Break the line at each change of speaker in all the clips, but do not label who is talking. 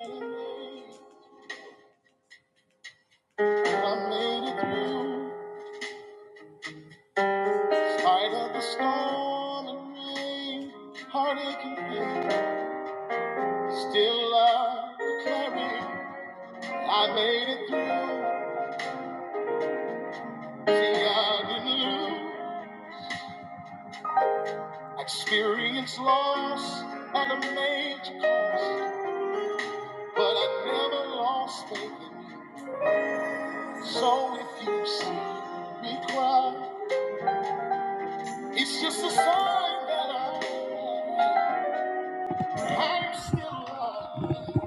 I made it through. Spite of the storm and rain, heartache and pain. Still I declare I made it through. See, I didn't lose. Experience loss at a major cost, but I never lost faith in you. So if you see me cry, it's just a sign that I, I'm still alive.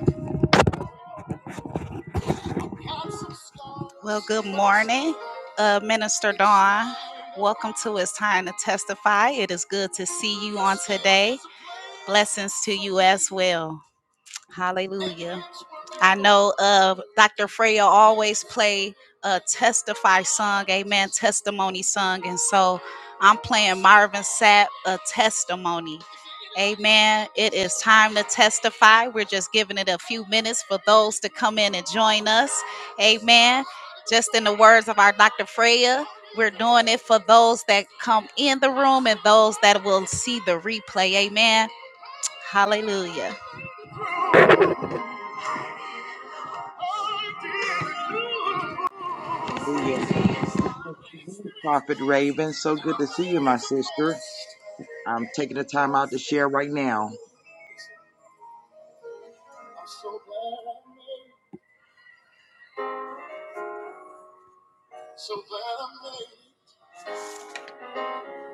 Well, good morning, uh, Minister Dawn. Welcome to It's Time to Testify. It is good to see you on today. Blessings to you as well. Hallelujah. I know uh, Dr. Freya always play a testify song, amen, testimony song. And so I'm playing Marvin Sapp, a testimony. Amen. It is time to testify. We're just giving it a few minutes for those to come in and join us. Amen. Just in the words of our Dr. Freya, we're doing it for those that come in the room and those that will see the replay. Amen. Hallelujah.
Hallelujah.
I'm so
Prophet Raven, so good to see you, my sister. I'm
glad
taking the time out to share right now.
I made it. So glad I made it. I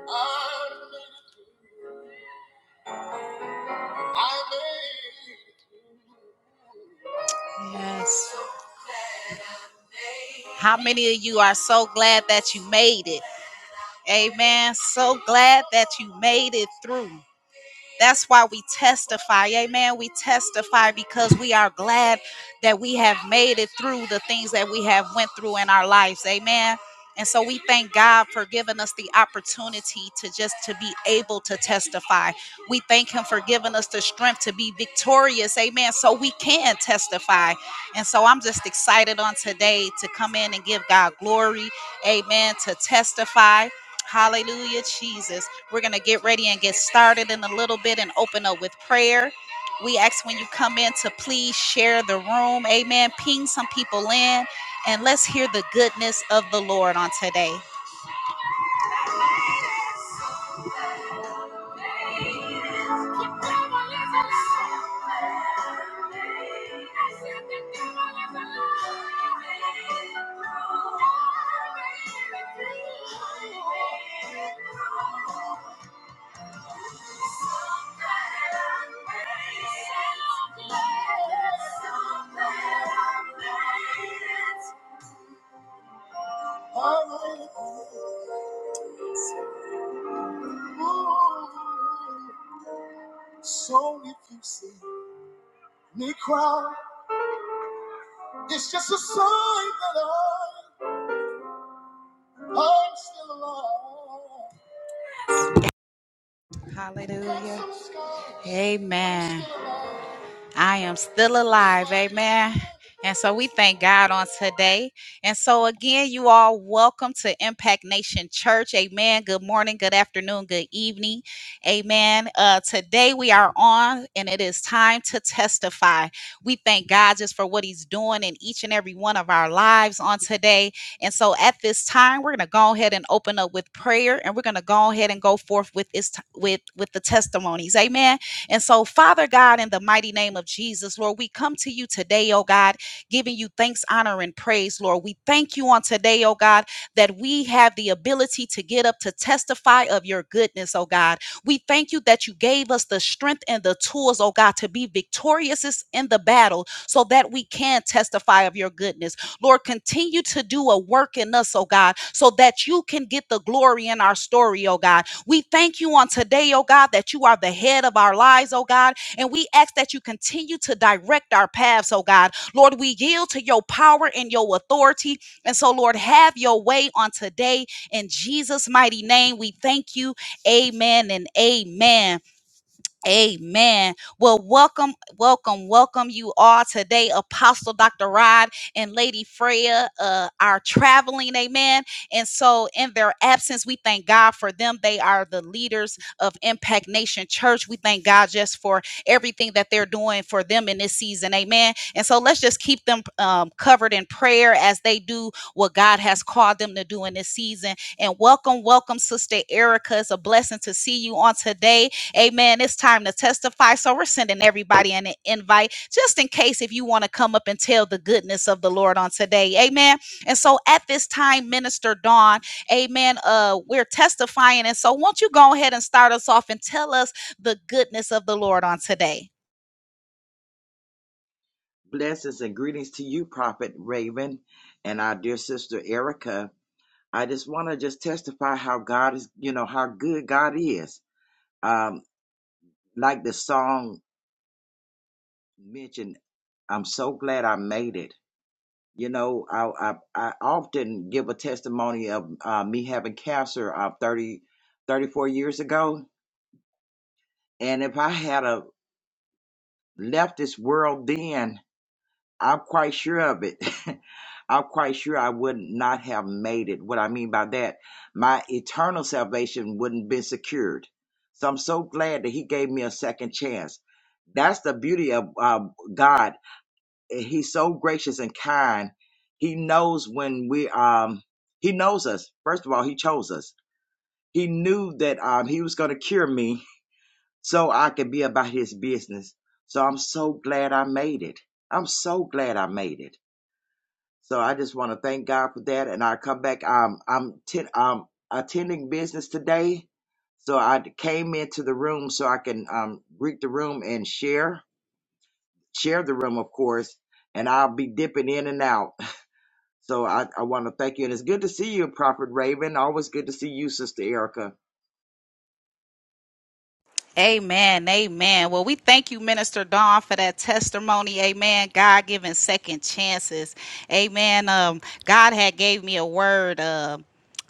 made it. through. I made it. through. Yes. How many of you are so glad that you made it? Amen. So glad that you made it through. That's why we testify. Amen. We testify because we are glad that we have made it through the things that we have went through in our lives. Amen. And so we thank God for giving us the opportunity to just to be able to testify. We thank him for giving us the strength to be victorious. Amen. So we can testify. And so I'm just excited on today to come in and give God glory. Amen. To testify. Hallelujah, Jesus. We're going to get ready and get started in a little bit and open up with prayer. We ask when you come in to please share the room. Amen. Ping some people in and let's hear the goodness of the Lord on today. So if you see me cry, it's just a sign that I, I'm still alive. Hallelujah. Amen. I am still alive. Amen. And so we thank God on today. And so again, you all welcome to Impact Nation Church. Amen. Good morning, good afternoon, good evening. Amen. Uh, today we are on and it is time to testify. We thank God just for what he's doing in each and every one of our lives on today. And so at this time, we're going to go ahead and open up with prayer and we're going to go ahead and go forth with this with with the testimonies. Amen. And so, Father God, in the mighty name of Jesus, Lord, we come to you today, oh God, giving you thanks, honor, and praise, Lord. We thank you on today, oh God, that we have the ability to get up to testify of your goodness, oh God. We thank you that you gave us the strength and the tools, oh God, to be victorious in the battle so that we can testify of your goodness. Lord, continue to do a work in us, oh God, so that you can get the glory in our story, oh God. We thank you on today, oh God, that you are the head of our lives, oh God. And we ask that you continue to direct our paths, oh God. Lord, we yield to your power and your authority. And so, Lord, have your way on today. In Jesus' mighty name, we thank you. Amen and amen. Amen. Well, welcome, welcome, welcome you all today, Apostle Dr. Rod and Lady Freya uh, are traveling. Amen. And so, in their absence, we thank God for them. They are the leaders of Impact Nation Church. We thank God just for everything that they're doing for them in this season. Amen. And so, let's just keep them um, covered in prayer as they do what God has called them to do in this season. And welcome, welcome, Sister Erica. It's a blessing to see you on today Amen. It's time to testify. So we're sending everybody an invite just in case if you want to come up and tell the goodness of the Lord on today. Amen. And so at this time, Minister Dawn, amen, uh, we're testifying. And so won't you go ahead and start us off and tell us the goodness of the Lord on today?
Blessings and greetings to you, Prophet Raven, and our dear sister Erica. I just want to just testify how God is, you know, how good God is. Um, like the song mentioned, I'm so glad I made it. You know, I I, I often give a testimony of uh, me having cancer uh, 30 34 years ago. And if I had a left this world then, I'm quite sure of it. I'm quite sure I would not have made it. What I mean by that, my eternal salvation wouldn't been secured. So I'm so glad that He gave me a second chance. That's the beauty of um, God. He's so gracious and kind. He knows when we um He knows us. First of all, He chose us. He knew that um He was going to cure me so I could be about his business. So I'm so glad I made it. I'm so glad I made it. So I just want to thank God for that. And I come back. Um, I'm ten, um, attending business today. So I came into the room so I can um, greet the room and share share the room, of course. And I'll be dipping in and out. So I, I want to thank you. And it's good to see you, Prophet Raven. Always good to see you, Sister Erica.
Amen. Amen. Well, we thank you, Minister Dawn, for that testimony. Amen. God giving second chances. Amen. Um, God had gave me a word. Uh,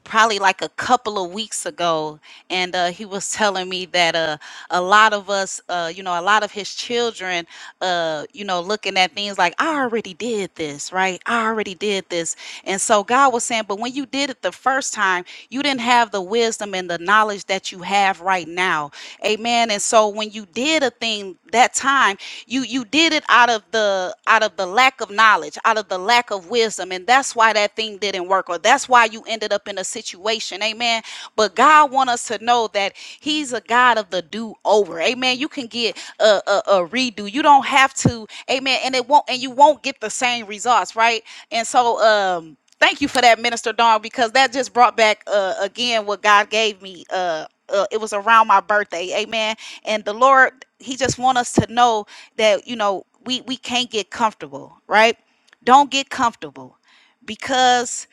probably like a couple of weeks ago and uh, he was telling me that uh, a lot of us uh, you know a lot of his children uh, you know looking at things like i already did this right i already did this and so god was saying but when you did it the first time you didn't have the wisdom and the knowledge that you have right now amen and so when you did a thing that time you you did it out of the out of the lack of knowledge out of the lack of wisdom and that's why that thing didn't work or that's why you ended up in a situation amen but god want us to know that he's a god of the do over amen you can get a, a, a redo you don't have to amen and it won't and you won't get the same results right and so um thank you for that minister dawn because that just brought back uh again what god gave me Uh, uh, it was around my birthday amen and the lord he just want us to know that you know we we can't get comfortable right don't get comfortable because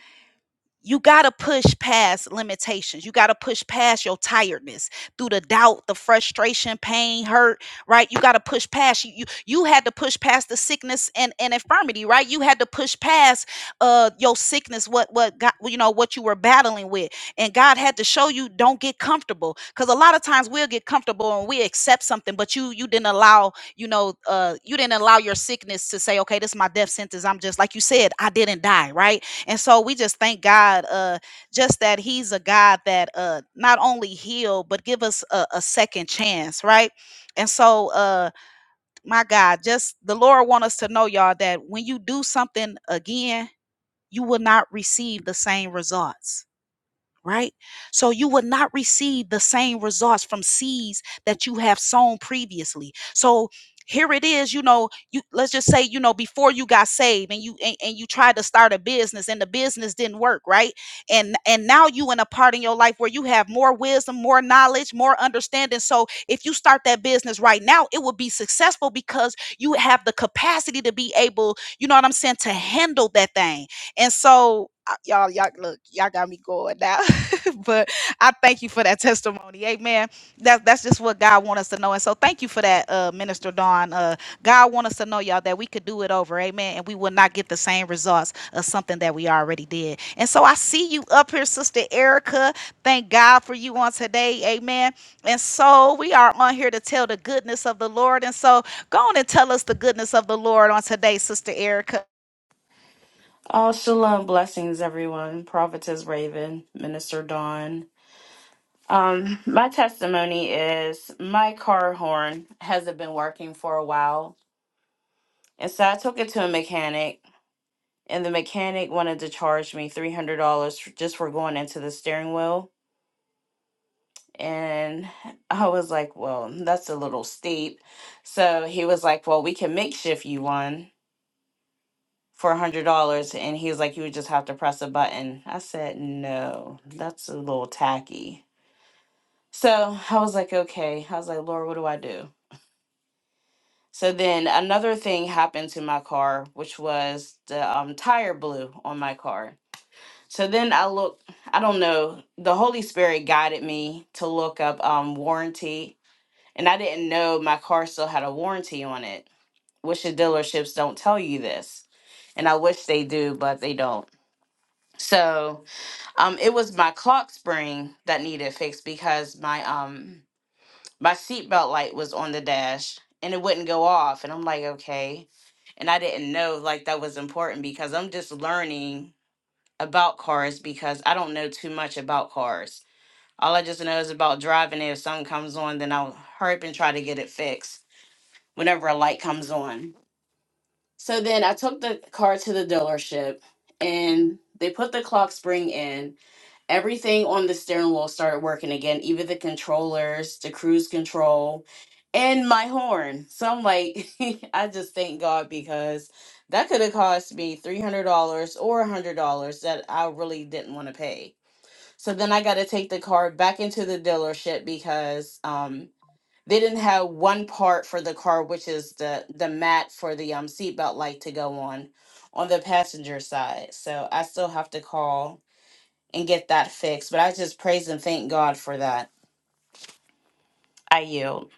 you got to push past limitations. You got to push past your tiredness through the doubt, the frustration, pain, hurt, right? You got to push past you, you you had to push past the sickness and, and infirmity, right? You had to push past uh your sickness what what got you know what you were battling with. And God had to show you don't get comfortable cuz a lot of times we'll get comfortable and we accept something but you you didn't allow, you know, uh you didn't allow your sickness to say, "Okay, this is my death sentence. I'm just like you said, I didn't die," right? And so we just thank God, uh, just that He's a God that uh, not only heal, but give us a, a second chance, right? And so, uh, my God, just the Lord want us to know, y'all, that when you do something again, you will not receive the same results right? So you will not receive the same results from seeds that you have sown previously. So here it is, you know, you let's just say, you know, before you got saved and you and, and you tried to start a business and the business didn't work, right? And and now you in a part in your life where you have more wisdom, more knowledge, more understanding. So if you start that business right now, it will be successful because you have the capacity to be able, you know what I'm saying, to handle that thing. And so I- y'all, y'all, look, y'all got me going now. but I thank you for that testimony. Amen. That, that's just what God wants us to know. And so thank you for that, uh, Minister Dawn. Uh, God wants us to know, y'all, that we could do it over. Amen. And we will not get the same results of something that we already did. And so I see you up here, Sister Erica. Thank God for you on today. Amen. And so we are on here to tell the goodness of the Lord. And so go on and tell us the goodness of the Lord on today, Sister Erica.
Oh, shalom blessings, everyone. Prophetess Raven, Minister Dawn. Um, my testimony is my car horn hasn't been working for a while. And so I took it to a mechanic, and the mechanic wanted to charge me $300 just for going into the steering wheel. And I was like, well, that's a little steep. So he was like, well, we can makeshift you one. for a hundred dollars and he was like you would just have to press a button i said no that's a little tacky so i was like okay i was like lord what do i do so then another thing happened to my car which was the um, tire blew on my car so then i looked i don't know the holy spirit guided me to look up um, warranty and i didn't know my car still had a warranty on it which the dealerships don't tell you this and i wish they do but they don't so Um, it was my clock spring that needed fixed because my um my seatbelt light was on the dash and it wouldn't go off, and I'm like, okay, and I didn't know like that was important because I'm just learning about cars because I don't know too much about cars. All I just know is about driving. If something comes on, then I'll hurry up and try to get it fixed whenever a light comes on. So then I took the car to the dealership and they put the clock spring in everything on the steering wheel started working again, even the controllers, the cruise control, and my horn. So I'm like, I just thank God because that could have cost me $300 or $100 that I really didn't want to pay. So then I got to take the car back into the dealership because um they didn't have one part for the car which is the the mat for the um seatbelt light to go on on the passenger side. So I still have to call and get that fixed. But I just praise and thank God for that. I yield.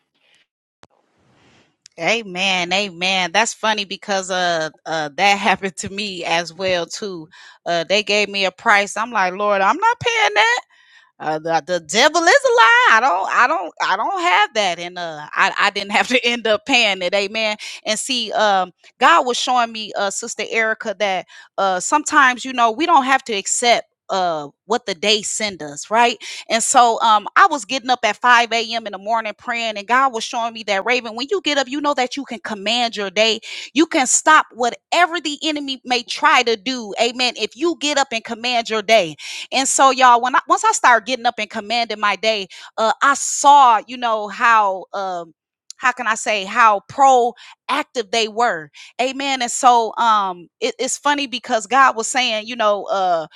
Amen, amen. That's funny because uh, uh that happened to me as well too. Uh, they gave me a price. I'm like, Lord, I'm not paying that. Uh, the, the devil is a lie. I don't, I don't, I don't have that, and uh, I, I didn't have to end up paying it. Amen. And see, um, God was showing me, uh, Sister Erica, that uh, sometimes you know we don't have to accept uh what the day send us, right? And so um, I was getting up at 5 a.m. in the morning praying, and God was showing me that Raven, when you get up, you know that you can command your day. You can stop whatever the enemy may try to do. Amen. If you get up and command your day. And so, y'all, when I once I started getting up and commanding my day, uh, I saw, you know, how um how can I say how proactive they were. Amen. And so um it- it's funny because God was saying, you know, uh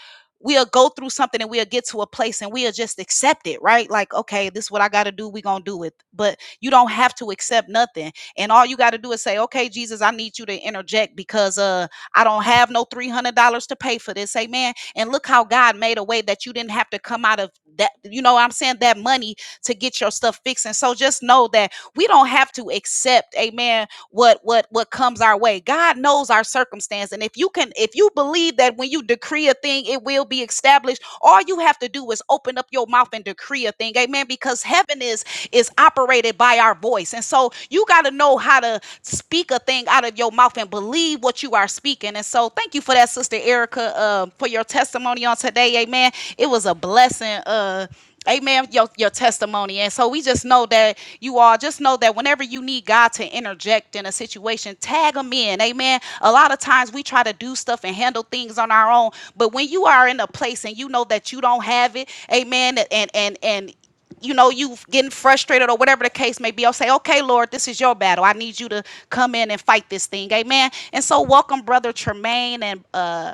we'll go through something and we'll get to a place and we'll just accept it, right? Like, okay, this is what I gotta do, we're gonna do it. But you don't have to accept nothing. And all you gotta do is say, Okay, Jesus, I need you to interject because uh I don't have no $300 to pay for this. Amen and look how God made a way that you didn't have to come out of that, you know, what I'm saying that money to get your stuff fixed. And so just know that we don't have to accept, amen, what what what comes our way god knows our circumstance and if you can if you believe that when you decree a thing it will be established all you have to do is open up your mouth and decree a thing amen because heaven is is operated by our voice and so you got to know how to speak a thing out of your mouth and believe what you are speaking and so thank you for that sister erica uh, for your testimony on today amen it was a blessing uh Amen. Your your testimony. And so we just know that you all just know that whenever you need God to interject in a situation, tag him in. Amen. A lot of times we try to do stuff and handle things on our own. But when you are in a place and you know that you don't have it, amen, and and and you know you getting frustrated or whatever the case may be i'll say okay lord this is your battle i need you to come in and fight this thing amen and so welcome brother tremaine and uh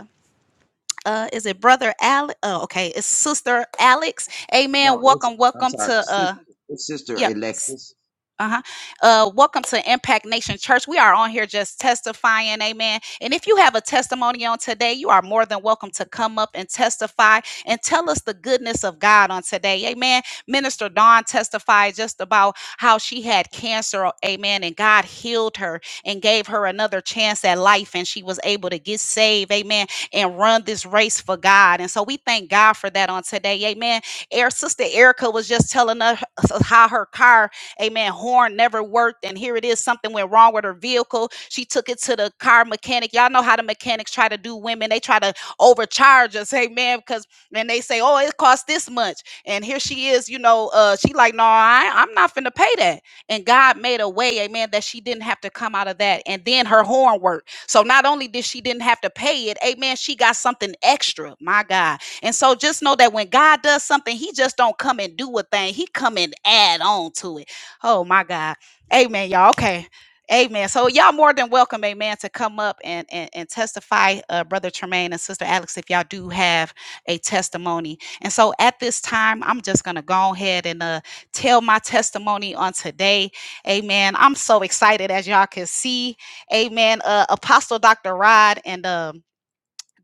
uh is it brother Alex? Oh, okay, it's sister Alex. Amen.
No, it's
Welcome,
I'm
welcome
sorry,
to uh
Sister, it's Sister
yep
Alexis.
uh-huh uh welcome to impact nation church we are on here just testifying amen and if you have a testimony on today you are more than welcome to come up and testify and tell us the goodness of god on today amen minister dawn testified just about how she had cancer amen and god healed her and gave her another chance at life and she was able to get saved amen and run this race for god and so we thank god for that on today amen Air sister erica was just telling us how her car Amen. Horn never worked. And here it is, something went wrong with her vehicle. She took it to the car mechanic. Y'all know how the mechanics try to do women. They try to overcharge us. Amen. Because then they say, oh, it cost this much. And here she is, you know, uh, she like, no, I, I'm not finna pay that. And God made a way, amen, that she didn't have to come out of that. And then her horn worked. So not only did she didn't have to pay it, amen, she got something extra. My God. And so just know that when God does something, he just don't come and do a thing. He come and add on to it. Oh my God. Amen, y'all. Okay. Amen. So y'all more than welcome, amen, to come up and and, and testify, uh, Brother Tremaine and Sister Alex, if y'all do have a testimony. And so at this time, I'm just gonna go ahead and uh tell my testimony on today. Amen. I'm so excited as y'all can see. Amen. Uh Apostle Dr. Rod and um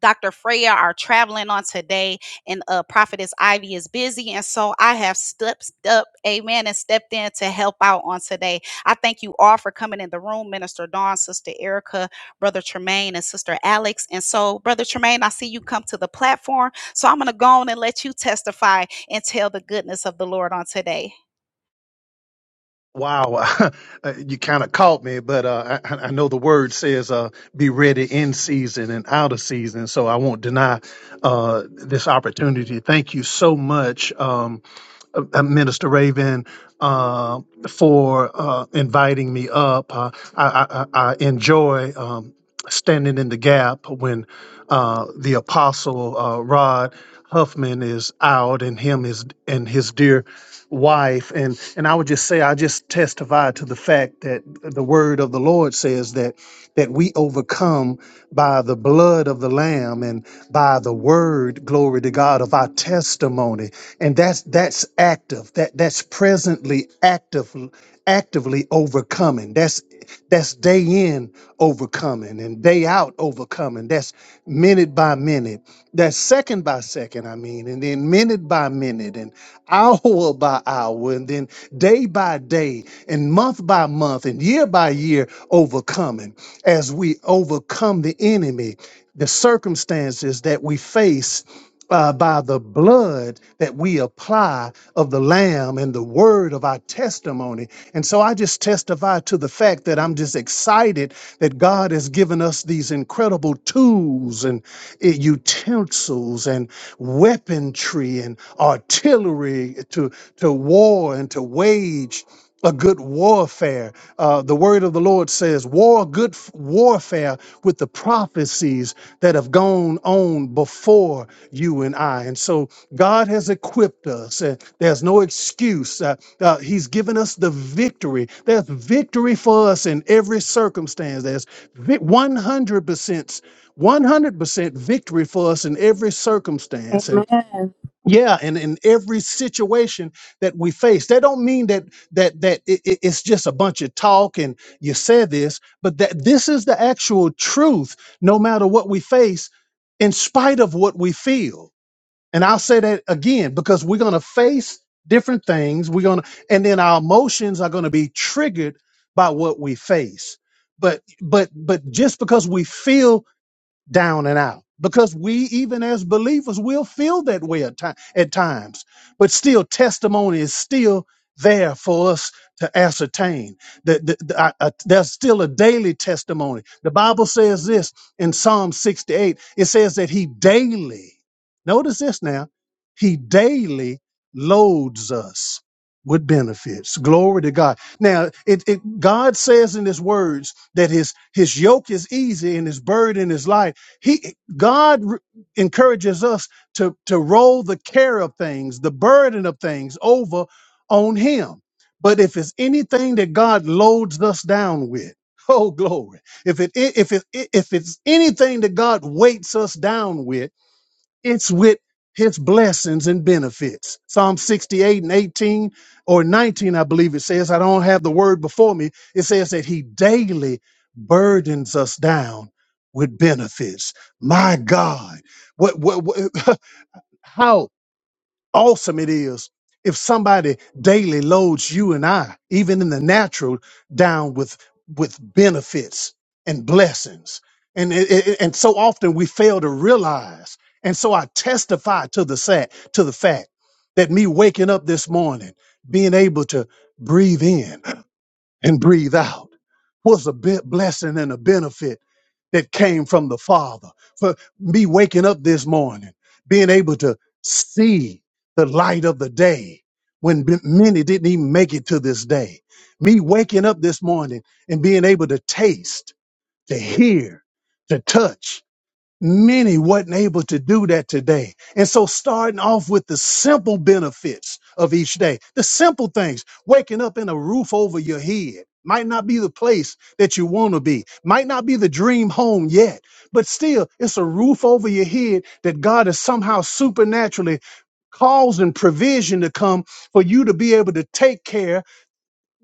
Dr. Freya are traveling on today, and uh, Prophetess Ivy is busy. And so I have stepped up, amen, and stepped in to help out on today. I thank you all for coming in the room, Minister Dawn, Sister Erica, Brother Tremaine, and Sister Alex. And so, Brother Tremaine, I see you come to the platform. So I'm going to go on and let you testify and tell the goodness of the Lord on today.
Wow, you kind of caught me, but uh, I, I know the word says uh, be ready in season and out of season, so I won't deny uh, this opportunity. Thank you so much, um, uh, Minister Raven, uh, for uh, inviting me up. Uh, I, I, I I enjoy um, standing in the gap when uh, the Apostle uh, Rod Huffman is out, and him is and his dear wife and and I would just say I just testify to the fact that the word of the Lord says that that we overcome by the blood of the lamb and by the word glory to God of our testimony and that's that's active that that's presently active actively overcoming. That's that's day in overcoming and day out overcoming. That's minute by minute. That's second by second, I mean, and then minute by minute and hour by hour and then day by day and month by month and year by year overcoming as we overcome the enemy, the circumstances that we face uh, by the blood that we apply of the Lamb and the word of our testimony. And so I just testify to the fact that I'm just excited that God has given us these incredible tools and uh, utensils and weaponry and artillery to, to war and to wage a good warfare. Uh, the word of the Lord says, "War, good f- warfare with the prophecies that have gone on before you and I." And so, God has equipped us, and there's no excuse. Uh, uh, he's given us the victory. There's victory for us in every circumstance. There's vi- 100 percent. 100% victory for us in every circumstance
Amen.
yeah, and in every situation that we face, that don't mean that that that it, it- it's just a bunch of talk and you said this, but that this is the actual truth. No matter what we face, in spite of what we feel, and I'll say that again because we're gonna face different things. We're gonna, and then our emotions are gonna be triggered by what we face. But but but just because we feel down and out because we even as believers will feel that way at, ti- at times but still testimony is still there for us to ascertain that that- that I- I- there's still a daily testimony the bible says this in psalm 68 it says that he daily notice this now he daily loads us with benefits glory to god now it, it god says in his words that his his yoke is easy and his burden is light he God r- encourages us to to roll the care of things, the burden of things over on him. But if it's anything that God loads us down with, oh glory. If it if it if it's anything that God weights us down with, it's with his blessings and benefits. Psalm 68 and 18 or 19, I believe it says, I don't have the word before me. It says that he daily burdens us down with benefits. My God, what, what, what- how? awesome it is if somebody daily loads you and I, even in the natural, down with with benefits and blessings. And it, it- and so often we fail to realize. And so I testify to the fact to the fact that me waking up this morning, being able to breathe in and breathe out was a bit blessing and a benefit that came from the Father. For me waking up this morning, being able to see the light of the day when b- many didn't even make it to this day. Me waking up this morning and being able to taste, to hear, to touch. Many wasn't able to do that today. And so starting off with the simple benefits of each day, the simple things, waking up in a roof over your head might not be the place that you want to be, might not be the dream home yet, but still it's a roof over your head that God is somehow supernaturally causing provision to come for you to be able to take care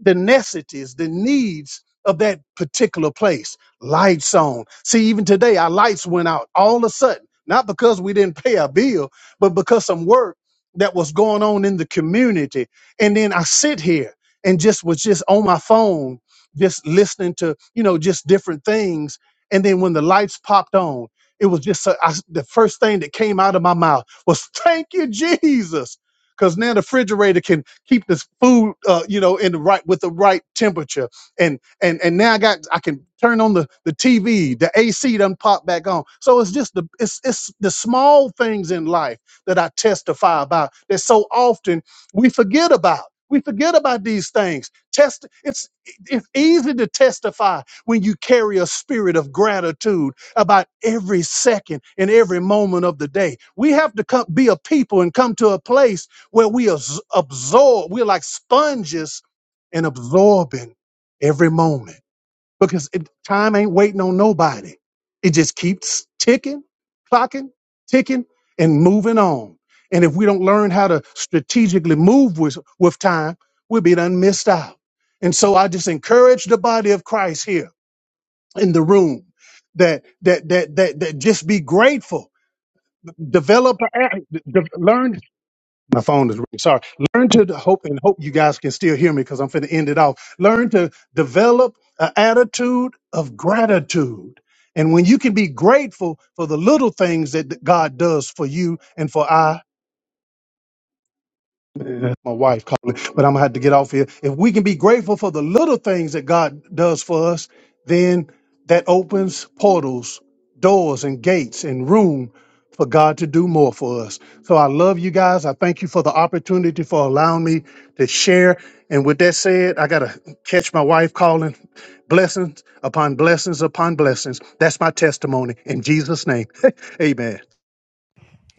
the necessities, the needs of that particular place. Lights on. See, even today, our lights went out all of a sudden, not because we didn't pay our bill, but because some work that was going on in the community. And then I sit here and just was just on my phone, just listening to, you know, just different things. And then when the lights popped on, it was just so- I, the first thing that came out of my mouth was, Thank you, Jesus. Because now the refrigerator can keep this food, uh, you know, in the right with the right temperature. And and and now I got I can turn on the the TV, the AC done pop back on. So it's just the it's it's the small things in life that I testify about that so often we forget about. We forget about these things. Test it's it's easy to testify when you carry a spirit of gratitude about every second and every moment of the day. We have to come, be a people and come to a place where we abs- absorb, we're like sponges and absorbing every moment because it, time ain't waiting on nobody. It just keeps ticking, clocking, ticking, and moving on. And if we don't learn how to strategically move with, with time, we'll be done missed out. And so I just encourage the body of Christ here in the room that that that that, that just be grateful. Develop, a- de- learn my phone is ringing. Sorry. Learn to hope and hope you guys can still hear me because I'm finna end it off. Learn to develop an attitude of gratitude. And when you can be grateful for the little things that God does for you and for I. Yeah, my wife calling, but I'm gonna have to get off here. If we can be grateful for the little things that God does for us, then that opens portals, doors, and gates and room for God to do more for us. So I love you guys. I thank you for the opportunity for allowing me to share. And with that said, I gotta catch my wife calling. Blessings upon blessings upon blessings. That's my testimony in Jesus' name. Amen.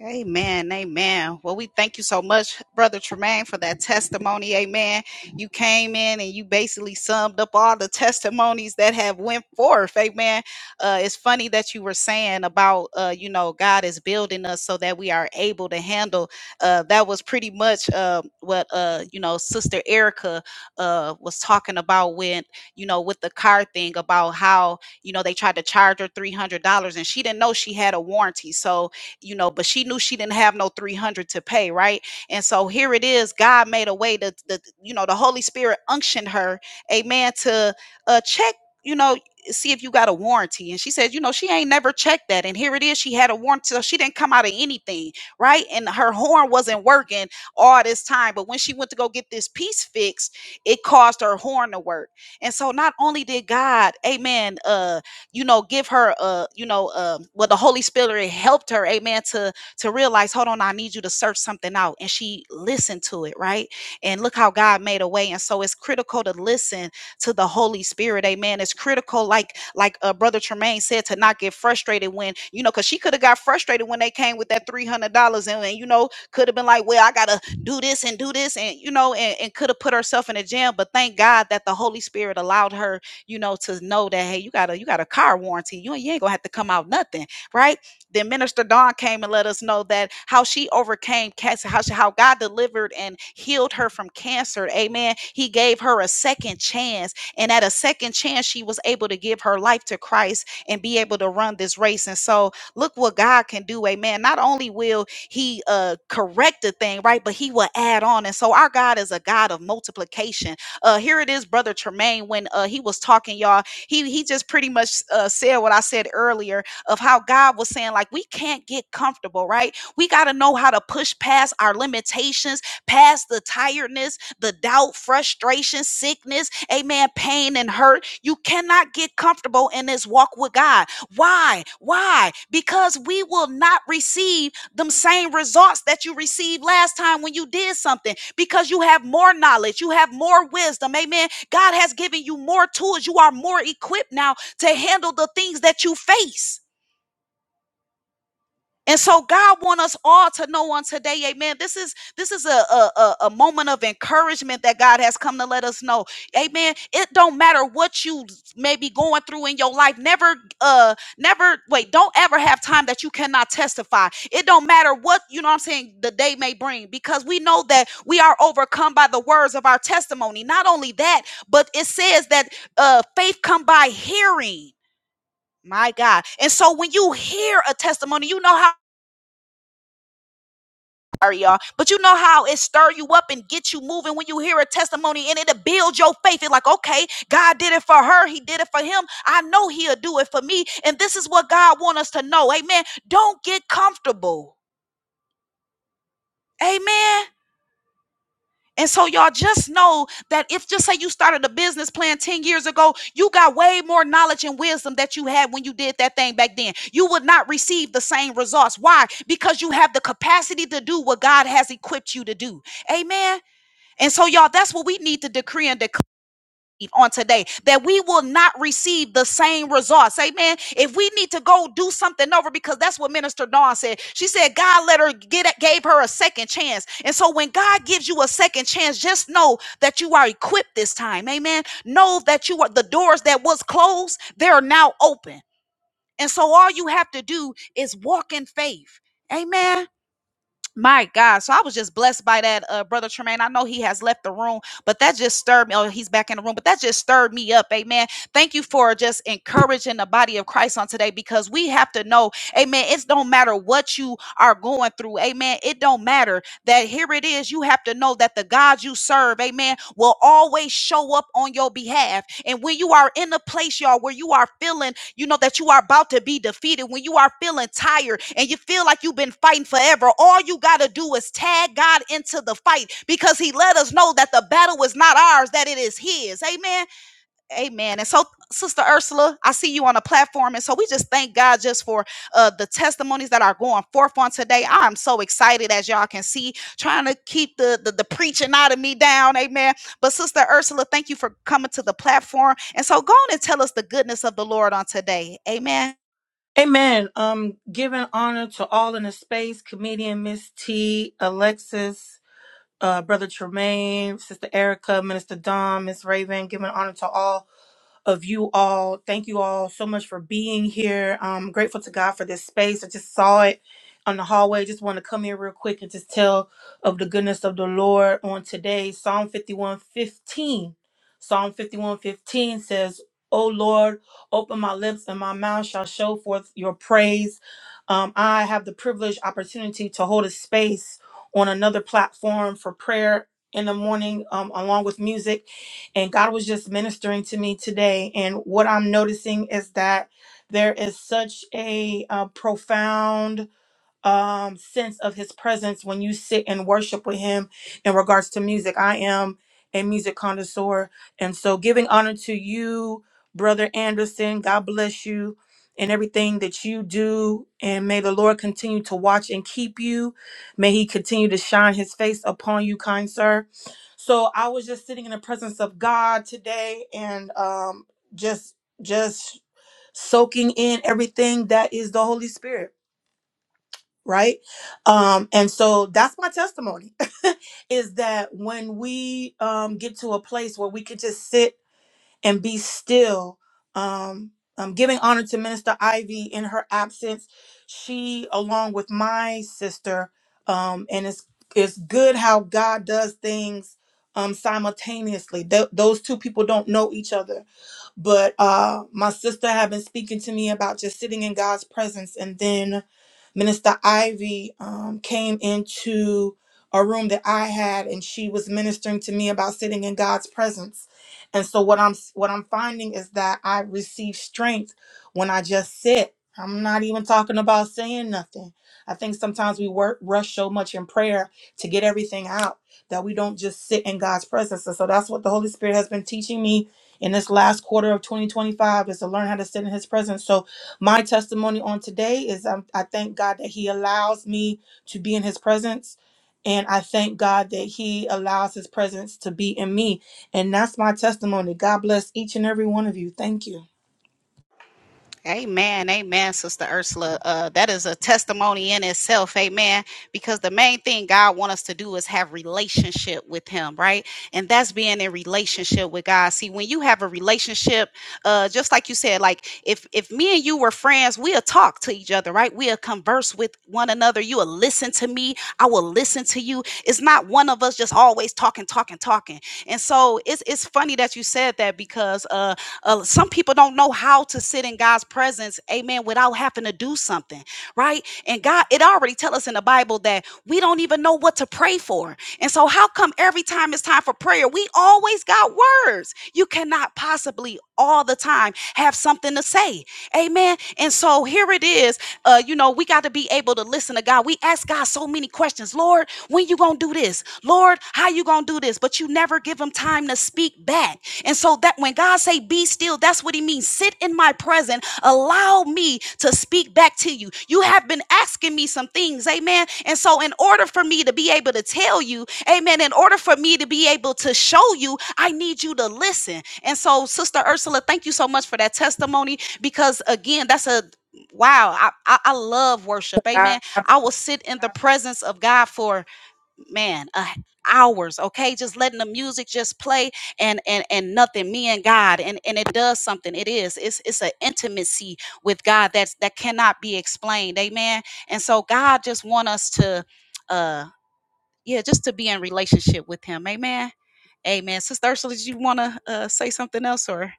Amen. Amen. Well, we thank you so much, Brother Tremaine, for that testimony. Amen. You came in and you basically summed up all the testimonies that have went forth. Amen. Uh, it's funny that you were saying about, uh, you know, God is building us so that we are able to handle. Uh, that was pretty much uh, what, uh, you know, Sister Erica uh, was talking about when, you know, with the car thing about how, you know, they tried to charge her $300 and she didn't know she had a warranty. So, you know, but she knew she didn't have no 300 to pay, right? And so here it is. God made a way to, the, you know, the Holy Spirit unctioned her, amen, to uh, check, you know, see if you got a warranty. And she said, you know, she ain't never checked that. And here it is. She had a warranty. So she didn't come out of anything, right? And her horn wasn't working all this time. But when she went to go get this piece fixed, it caused her horn to work. And so not only did God, amen, uh, you know give her a you know um well the holy spirit helped her amen to to realize hold on i need you to search something out and she listened to it right and look how god made a way and so it's critical to listen to the holy spirit amen it's critical like like uh, brother tremaine said to not get frustrated when you know because she could have got frustrated when they came with that $300 and, and you know could have been like well i gotta do this and do this and you know and, and could have put herself in a jam but thank god that the holy spirit allowed her you know, to know that hey, you got a you got a car warranty. You ain't you ain't gonna have to come out nothing, right? Then Minister Dawn came and let us know that how she overcame cancer, how she, how God delivered and healed her from cancer. Amen. He gave her a second chance, and at a second chance, she was able to give her life to Christ and be able to run this race. And so, look what God can do. Amen. Not only will He uh, correct the thing, right, but He will add on. And so, our God is a God of multiplication. Uh, here it is, brother Tremaine, when uh, he was talking, y'all. He he just pretty much uh, said what I said earlier of how God was saying like we can't get comfortable, right? We got to know how to push past our limitations, past the tiredness, the doubt, frustration, sickness, amen, pain and hurt. You cannot get comfortable in this walk with God. Why? Why? Because we will not receive them same results that you received last time when you did something because you have more knowledge, you have more wisdom. Amen. God has given you more tools. You are more equipped now to handle the things that you face. And so God want us all to know on today, amen. This is this is a, a, a, a moment of encouragement that God has come to let us know. Amen. It don't matter what you may be going through in your life. Never uh never wait, don't ever have time that you cannot testify. It don't matter what you know what I'm saying the day may bring, because we know that we are overcome by the words of our testimony. Not only that, but it says that uh faith come by hearing. My God. And so when you hear a testimony, you know how. sorry, y'all. But you know how it stir you up and get you moving when you hear a testimony and it'll build your faith. It's like, okay, God did it for her. He did it for him. I know he'll do it for me. And this is what God wants us to know. Amen. Don't get comfortable. Amen. And so y'all just know that if just say you started a business plan 10 years ago, you got way more knowledge and wisdom that you had when you did that thing back then. You would not receive the same results. Why? Because you have the capacity to do what God has equipped you to do. Amen. And so, y'all, that's what we need to decree and declare on today that we will not receive the same results. Amen. If we need to go do something over, because that's what Minister Dawn said. She said God let her get gave her a second chance. And so when God gives you a second chance, just know that you are equipped this time. Amen. Know that you are the doors that was closed, they're now open. And so all you have to do is walk in faith. Amen. My God. So I was just blessed by that, uh, Brother Tremaine. I know he has left the room, but that just stirred me. Oh, he's back in the room, but that just stirred me up. Amen. Thank you for just encouraging the body of Christ on today because we have to know, amen. It don't matter what you are going through. Amen. It don't matter that here it is. You have to know that the God you serve, amen, will always show up on your behalf. And when you are in a place, y'all, where you are feeling, you know, that you are about to be defeated, when you are feeling tired and you feel like you've been fighting forever, all you got to do is tag God into the fight because He let us know that the battle is not ours, that it is His. Amen. Amen. And so, Sister Ursula, I see you on the platform. And so we just thank God just for uh, the testimonies that are going forth on today. I'm so excited, as y'all can see, trying to keep the, the, the preaching out of me down. Amen. But, Sister Ursula, thank you for coming to the platform. And so, go on and tell us the goodness of the Lord on today. Amen.
Amen. Um, giving honor to all in the space, comedian Miss T, Alexis, uh, Brother Tremaine, Sister Erica, Minister Dom, Miss Raven, giving honor to all of you all. Thank you all so much for being here. I'm grateful to God for this space. I just saw it on the hallway. Just want to come here real quick and just tell of the goodness of the Lord on today. Psalm 51:15. Psalm 51:15 says, O Lord, open my lips and my mouth shall show forth your praise. Um, I have the privileged opportunity to hold a space on another platform for prayer in the morning um, along with music and god was just ministering to me today and what i'm noticing is that there is such a uh, profound um sense of his presence when you sit and worship with him in regards to music i am a music connoisseur and so giving honor to you brother anderson god bless you and everything that you do and may the lord continue to watch and keep you may he continue to shine his face upon you kind sir so i was just sitting in the presence of god today and um just just soaking in everything that is the holy spirit right um and so that's my testimony is that when we um get to a place where we could just sit and be still um um giving honor to minister ivy in her absence she along with my sister um and it's it's good how god does things um simultaneously Th- those two people don't know each other but uh, my sister had been speaking to me about just sitting in God's presence, and then Minister Ivy um, came into a room that I had, and she was ministering to me about sitting in God's presence. And so what I'm what I'm finding is that I receive strength when I just sit. I'm not even talking about saying nothing. I think sometimes we work rush so much in prayer to get everything out that we don't just sit in God's presence. And so that's what the Holy Spirit has been teaching me in this last quarter of 2025 is to learn how to sit in his presence. So my testimony on today is um, I thank God that he allows me to be in his presence. And I thank God that he allows his presence to be in me. And that's my testimony. God bless each and every one of you. Thank you.
Amen. Amen, Sister Ursula. Uh, that is a testimony in itself. Amen. Because the main thing God wants us to do is have relationship with Him, right? And that's being in relationship with God. See, when you have a relationship, uh, just like you said, like if if me and you were friends, we'll talk to each other, right? We'll converse with one another. You'll listen to me. I will listen to you. It's not one of us just always talking, talking, talking. And so it's it's funny that you said that because uh uh, some people don't know how to sit in God's presence, amen, without having to do something, right? And God, it already tells us in the Bible that we don't even know what to pray for. And so, how come every time it's time for prayer, we always got words? You cannot possibly all the time have something to say, amen. And so, here it is. Uh, you know, we got to be able to listen to God. We ask God so many questions, Lord, when you gonna do this? Lord, how you gonna do this? But you never give him time to speak back. And so that when God say be still, that's what he means. Sit in my presence. Allow me to speak back to you. You have been asking me some things. Amen. And so in order for me to be able to tell you, amen, in order for me to be able to show you, I need you to listen. And so Sister Ursula, thank you so much for that testimony because again, that's a wow. I, I, I love worship. Amen. I will sit in the presence of God for man uh, hours okay just letting the music just play and and and nothing me and god and and it does something it is it's it's an intimacy with god that's that cannot be explained amen and so god just want us to uh yeah just to be in relationship with him amen amen sister ursula did you want to uh, say something else or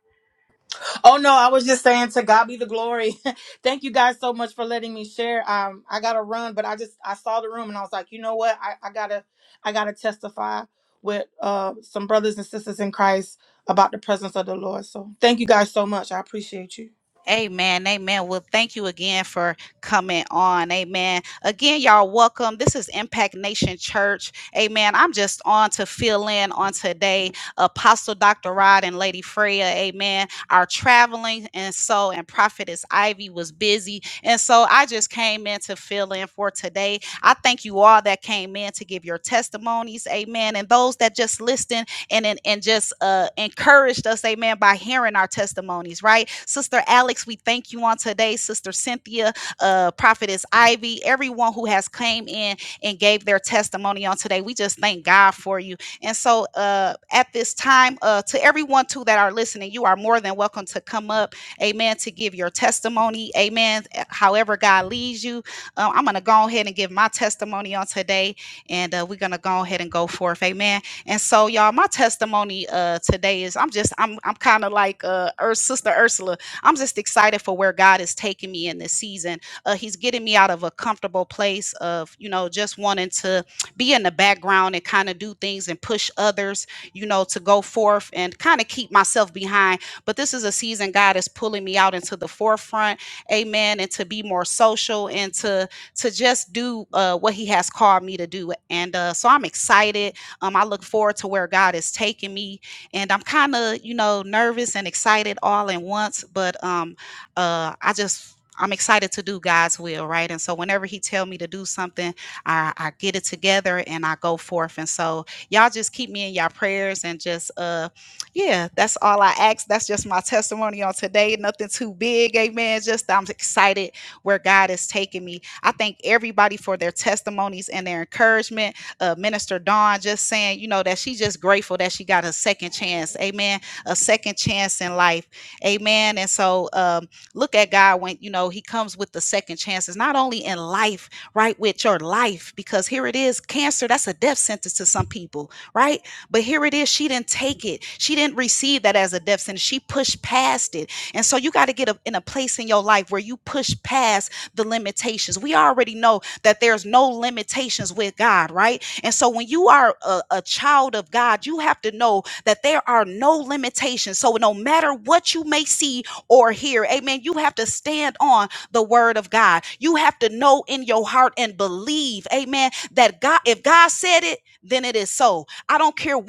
Oh no, I was just saying to God be the glory. Thank you guys so much for letting me share. Um, I gotta run, but I just I saw the room and I was like, you know what? I, I gotta I gotta testify with uh some brothers and sisters in Christ about the presence of the Lord. So thank you guys so much. I appreciate you.
Amen. Amen. Well, thank you again for coming on. Amen. Again, y'all, welcome. This is Impact Nation Church. Amen. I'm just on to fill in on today, Apostle Dr. Rod and Lady Freya. Amen. Are traveling, and so, and Prophetess Ivy was busy. And so, I just came in to fill in for today. I thank you all that came in to give your testimonies. Amen. And those that just listened and and, and just uh, encouraged us, amen, by hearing our testimonies, right? Sister Alex, we thank you on today. Sister Cynthia, uh, Prophetess Ivy, everyone who has came in and gave their testimony on today. We just thank God for you. And so uh, at this time, uh, to everyone too that are listening, you are more than welcome to come up, amen, to give your testimony, amen, eh, however God leads you. Uh, I'm going to go ahead and give my testimony on today, and uh, we're going to go ahead and go forth, amen. And so, y'all, my testimony uh, today is I'm just I'm I'm kind of like uh, Ur- Sister Ursula. I'm just excited for where God is taking me in this season. Uh, he's getting me out of a comfortable place of you know just wanting to be in the background and kind of do things and push others, you know, to go forth and kind of keep myself behind. But this is a season God is pulling me out into the forefront, Amen, and to be more social and to to just do uh, what He has called me to do. And uh, so I'm excited um, I look forward to where God is taking me, and I'm kind of, you know, nervous and excited all at once. But um, uh, I just I'm excited to do God's will, right? And so whenever He tell me to do something, I, I get it together and I go forth. And so y'all just keep me in y'all prayers and just uh, yeah, that's all I ask. That's just my testimony on today. Nothing too big, amen. Just I'm excited where God is taking me. I thank everybody for their testimonies and their encouragement uh, Minister Dawn just saying, you know, that she's just grateful that she got a second chance. Amen. A second chance in life. Amen. And so um, look at God when, you know, he comes with the second chances, not only in life, right, with your life, because here it is cancer, that's a death sentence to some people, right? But here it is. She didn't take it. She didn't receive that as a death sentence. She pushed past it. And so you got to get a, in a place in your life where you push past the limitations. We already know that there's no limitations with God, right? And so when you are a, a child of God, you have to know that there are no limitations. So no matter what you may see or hear, amen, you have to stand on the word of God. You have to know in your heart and believe, amen, that God, if God said it, then it is so. I don't care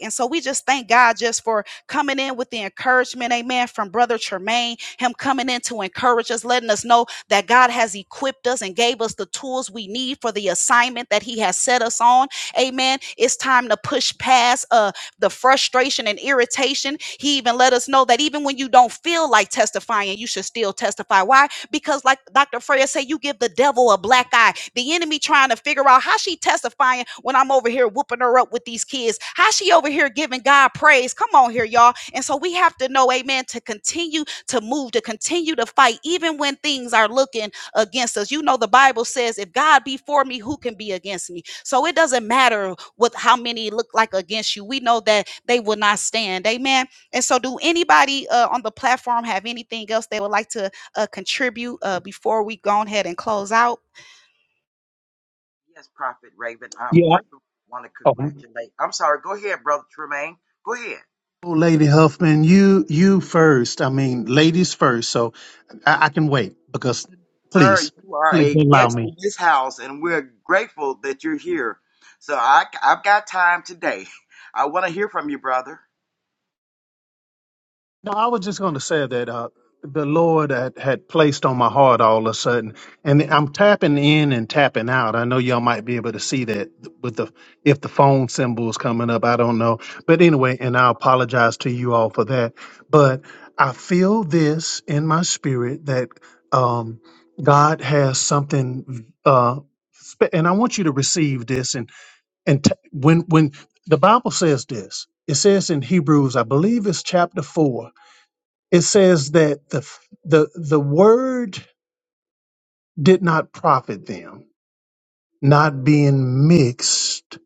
and so we just thank God just for coming in with the encouragement, amen, from Brother Tremaine, him coming in to encourage us, letting us know that God has equipped us and gave us the tools we need for the assignment that he has set us on. Amen. It's time to push past uh, the frustration and irritation. He even let us know that even when you don't feel like testifying, you should still testify. Why? because like Dr. Freya said, you give the devil a black eye. The enemy trying to figure out how she testifying when I'm over here whooping her up with these kids. How she over here giving God praise. Come on here, y'all. And so we have to know, amen, to continue to move, to continue to fight, even when things are looking against us. You know, the Bible says, if God be for me, who can be against me? So it doesn't matter what how many look like against you. We know that they will not stand. Amen. And so do anybody uh, on the platform have anything else they would like to uh, contribute uh, before we go ahead and close out.
Yes, Prophet Raven. Um,
Yeah.
first, I want to
I- oh.
congratulate. I'm sorry. Go ahead, Brother Tremaine. Go ahead.
Oh, Lady Huffman, you you first. I mean, ladies first. So I, I can wait because
Sir,
please,
you are
please
a
allow
guest
me.
in this house, and we're grateful that you're here. So I, I've got time today. I want to hear from you, brother.
No, I was just going to say that uh, the Lord had, had placed on my heart all of a sudden, and I'm tapping in and tapping out. I know y'all might be able to see that with the if the phone symbol is coming up. I don't know, but anyway, and I apologize to you all for that. But I feel this in my spirit that um, God has something, uh, spe- and I want you to receive this. And and t- when when the Bible says this, it says in Hebrews, I believe it's chapter four it says that the the the word did not profit them, not being mixed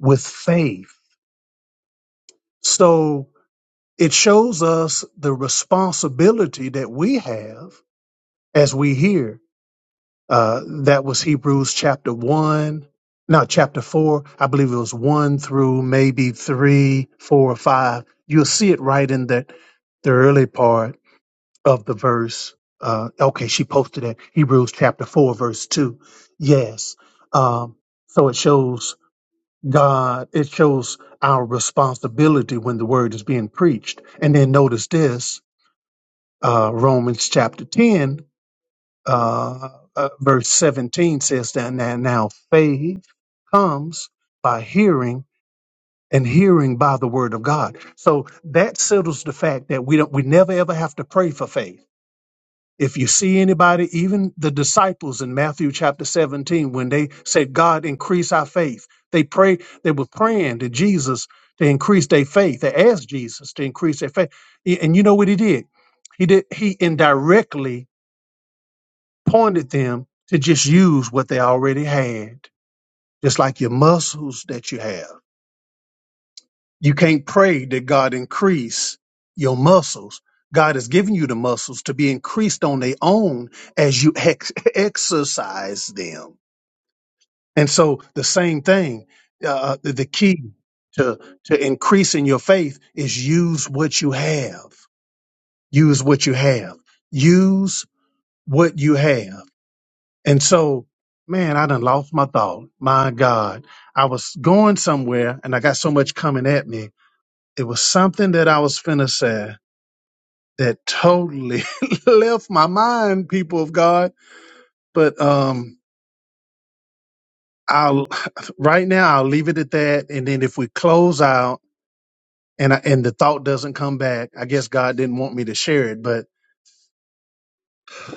with faith. So it shows us the responsibility that we have as we hear. Uh, that was Hebrews chapter one, no, chapter four. I believe it was one through maybe three, four, or five. You'll see it right in that the early part of the verse. Uh, okay, she posted it. Hebrews chapter four, verse two. Yes. Um, so it shows God. It shows our responsibility when the word is being preached. And then notice this. Uh, Romans chapter ten, uh, uh, verse seventeen says that now, now faith comes by hearing. And hearing by the word of God, so that settles the fact that we don't, we never ever have to pray for faith If you see anybody, even the disciples in Matthew chapter 17, when they said, God, increase our faith, they pray, they were praying to Jesus to increase their faith. They asked Jesus to increase their faith. A- And you know what he did? He did he indirectly pointed them to just use what they already had, just like your muscles that you have. You can't pray that God increase your muscles. God has given you the muscles to be increased on their own as you ex- exercise them. And so the same thing, uh, the the key to, to increasing your faith is use what you have. Use what you have. Use what you have. And so, man, I done lost my thought. My God, I was going somewhere and I got so much coming at me it was something that I was finna say that totally left my mind, people of God. But um, I'll right now I'll leave it at that, and then if we close out and I, and the thought doesn't come back, I guess God didn't want me to share it. But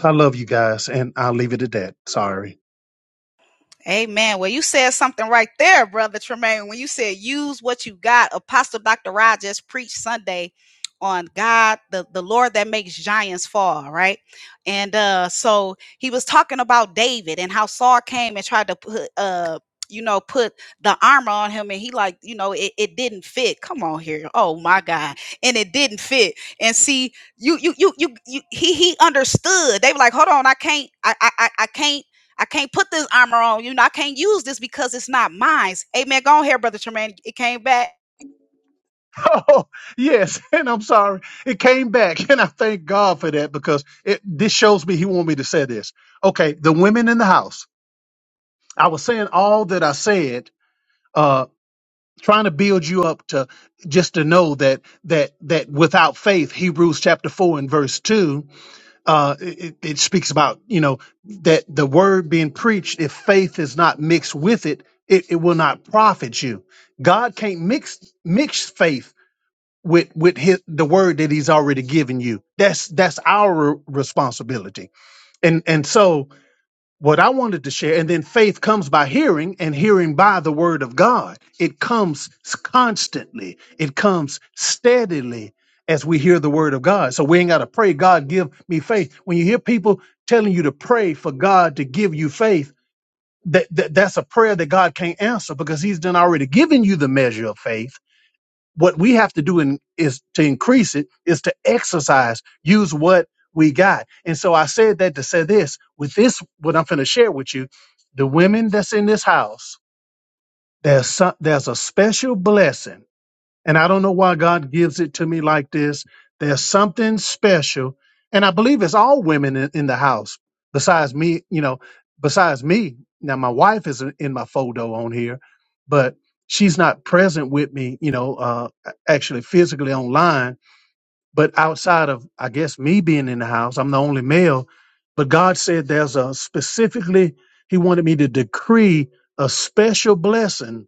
I love you guys, and I'll leave it at that. Sorry.
Amen. Well, you said something right there, Brother Tremaine, when you said use what you got. Apostle Dr. Rogers preached Sunday on God, the, the Lord that makes giants fall, right? And uh so he was talking about David and how Saul came and tried to put uh you know put the armor on him and he like you know it, it didn't fit come on here oh my god and it didn't fit and see you you you you, you he he understood they were like hold on i can't i i i I can't I can't put this armor on. You know, I can't use this because it's not mine. Amen. Go on here, Brother Tremaine. It came back.
Oh yes, and I'm sorry. It came back, and I thank God for that because it this shows me He wanted me to say this. Okay, the women in the house. I was saying all that I said trying to build you up to just to know that that that without faith hebrews chapter 4 and verse 2 uh it, it speaks about you know that the word being preached if faith is not mixed with it, it it will not profit you god can't mix mix faith with with his, the word that he's already given you that's that's our responsibility and and so what I wanted to share, and then faith comes by hearing, and hearing by the word of God. It comes s- constantly, it comes steadily as we hear the word of God. So we ain't got to pray, God, give me faith. When you hear people telling you to pray for God to give you faith, that, that that's a prayer that God can't answer because He's done already given you the measure of faith what we have to do in, is to increase it is to exercise use what we got and so i said that to say this with this what i'm going to share with you the women that's in this house there's some, there's a special blessing and I don't know why God gives it to me like this. There's something special. And I believe it's all women in, in the house, besides me, you know, besides me. Now, my wife is in in my photo on here, but she's not present with me, you know, uh, actually physically online. But outside of, I guess, me being in the house, I'm the only male. But God said there's a specifically, He wanted me to decree a special blessing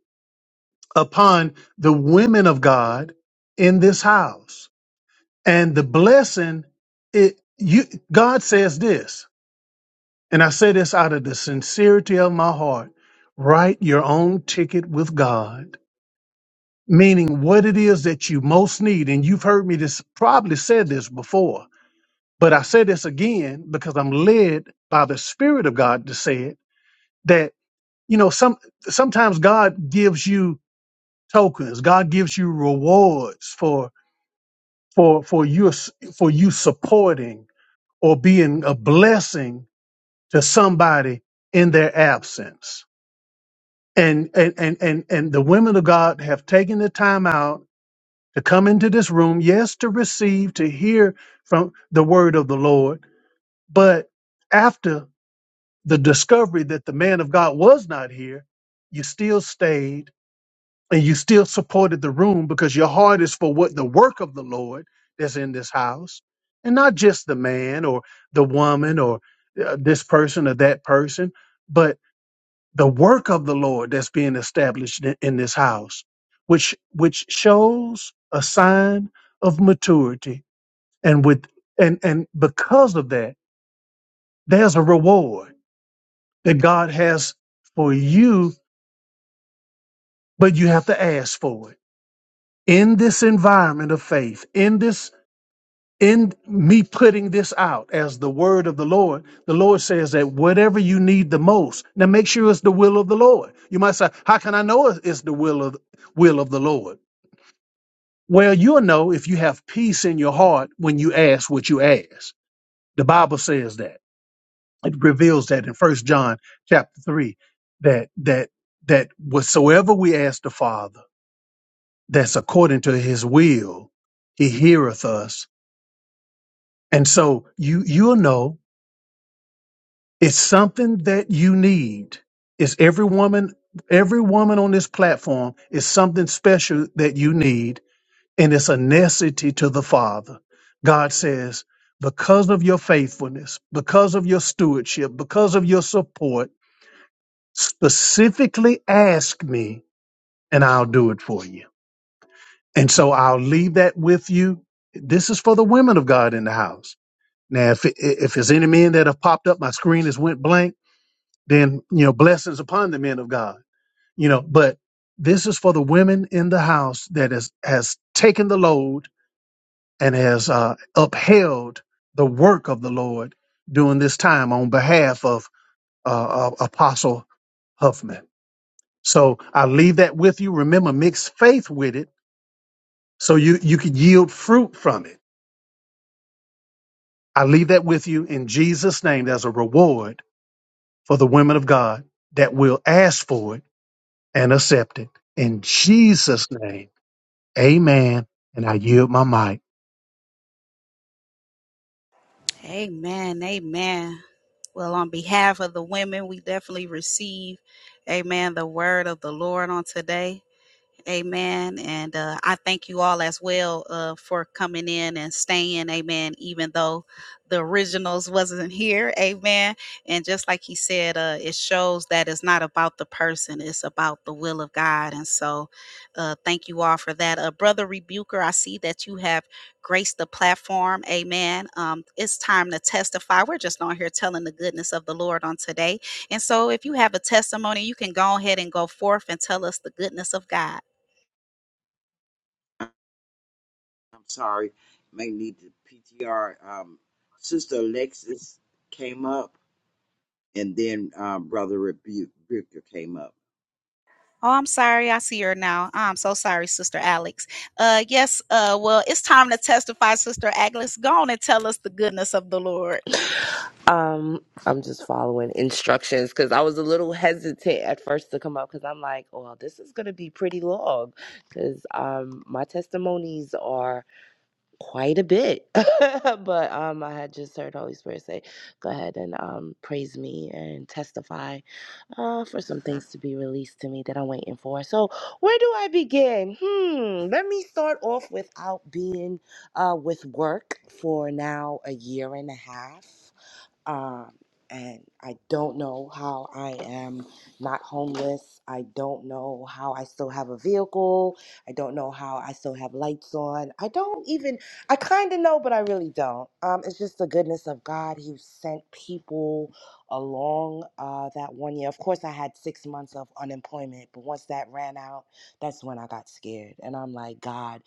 upon the women of God in this house. And the blessing, it you God says this, and I say this out of the sincerity of my heart. Write your own ticket with God, meaning what it is that you most need. And you've heard me this probably said this before, but I say this again because I'm led by the Spirit of God to say it. That you know, some sometimes God gives you tokens, God gives you rewards for for for your for you supporting or being a blessing to somebody in their absence. And and and and, and the women of God have taken the time out to come into this room, yes, to receive, to hear from the word of the Lord, but after the discovery that the man of God was not here, you still stayed and you still supported the room because your heart is for what the work of the Lord that's in this house, and not just the man or the woman or uh, this person or that person, but the work of the Lord that's being established in, in this house, which which shows a sign of maturity, and with and and because of that, there's a reward that God has for you, but you have to ask for it in this environment of faith, in this in me putting this out as the word of the Lord, the Lord says that whatever you need the most, now make sure it's the will of the Lord. You might say, how can I know it- it's the will of will of the Lord? Well, you'll know if you have peace in your heart when you ask what you ask. The Bible says that. It reveals that in First John chapter three, that that that whatsoever we ask the Father, that's according to his will, he heareth us. And so you you'll know It's something that you need. It's every woman, every woman on this platform is something special that you need, and it's a necessity to the Father. God says, because of your faithfulness, because of your stewardship, because of your support, specifically ask me and I'll do it for you. And so I'll leave that with you. This is for the women of God in the house. Now, if, if there's any men that have popped up, my screen has went blank then you know blessings upon the men of god you know but this is for the women in the house that has has taken the load and has uh, upheld the work of the lord during this time on behalf of uh, uh, apostle huffman so i leave that with you remember mix faith with it so you you can yield fruit from it i leave that with you in jesus name there's a reward for the women of god that will ask for it and accept it In Jesus' name, amen. And I yield my mic.
Amen. Amen. Well, on behalf of the women, we definitely receive, amen, the word of the Lord on today. Amen. And uh, I thank you all as well uh, for coming in and staying. Amen. Even though the originals wasn't here. Amen. And just like he said, uh, it shows that it's not about the person, it's about the will of God. And so uh, thank you all for that. Uh, Brother Rebuker, I see that you have graced the platform. Amen. Um, it's time to testify. We're just on here telling the goodness of the Lord on today. And so if you have a testimony, you can go ahead and go forth and tell us the goodness of God.
I'm sorry. May need the PTR. Um, Sister Alexis came up, and then um, Brother Rebuker came up.
Oh, I'm sorry. I see her now. I'm so sorry, Sister Alex. Uh, yes. Uh, well, it's time to testify, Sister Agnes. Go on and tell us the goodness of the Lord.
Um, I'm just following instructions because I was a little hesitant at first to come up because I'm like, well, this is gonna be pretty long because um my testimonies are quite a bit. but um I had just heard Holy Spirit say, go ahead and um praise me and testify uh for some things to be released to me that I'm waiting for. So where do I begin? Hmm, let me start off without being uh with work for now a year and a half. Um, and I don't know how I am not homeless. I don't know how I still have a vehicle. I don't know how I still have lights on. I don't even, I kind of know, but I really don't. Um, it's just the goodness of God. He sent people along uh, that one year. Of course, I had six months of unemployment, but once that ran out, that's when I got scared. And I'm like, God.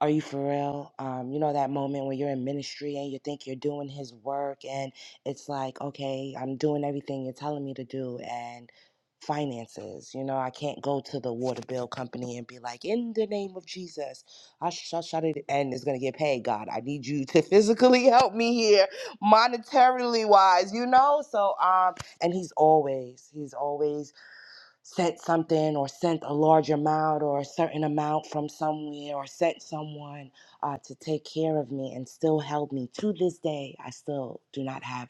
Are you for real? Um, you know that moment when you're in ministry and you think you're doing his work and it's like, okay, I'm doing everything you're telling me to do and finances, you know, I can't go to the water bill company and be like, in the name of Jesus, I shut shut it and it's gonna get paid. God, I need you to physically help me here, monetarily wise, you know? So um and he's always, he's always sent something or sent a large amount or a certain amount from somewhere or sent someone uh, to take care of me and still held me to this day i still do not have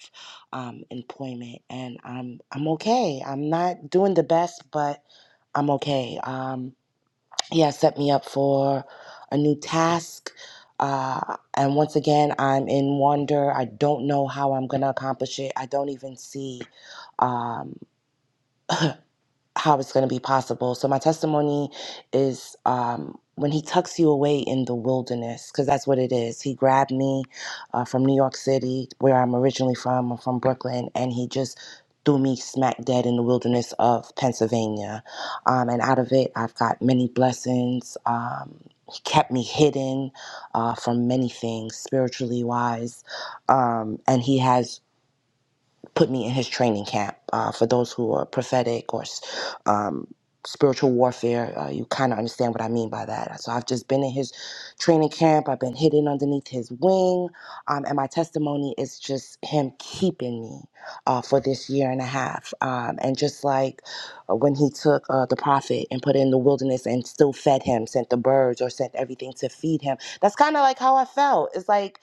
um, employment and i'm i'm okay i'm not doing the best but i'm okay um, yeah set me up for a new task uh, and once again i'm in wonder i don't know how i'm gonna accomplish it i don't even see um how it's going to be possible. So my testimony is um, when he tucks you away in the wilderness, because that's what it is. He grabbed me uh, from New York City, where I'm originally from. I'm from Brooklyn, and he just threw me smack dead in the wilderness of Pennsylvania. Um, and out of it, I've got many blessings. Um, he kept me hidden uh, from many things, spiritually wise, um, and he has put me in his training camp. Uh, for those who are prophetic or um, spiritual warfare, uh, you kind of understand what I mean by that. So I've just been in his training camp. I've been hidden underneath his wing, um, and my testimony is just him keeping me uh, for this year and a half. Um, and just like uh, when he took uh, the prophet and put it in the wilderness and still fed him, sent the birds or sent everything to feed him. That's kind of like how I felt. It's like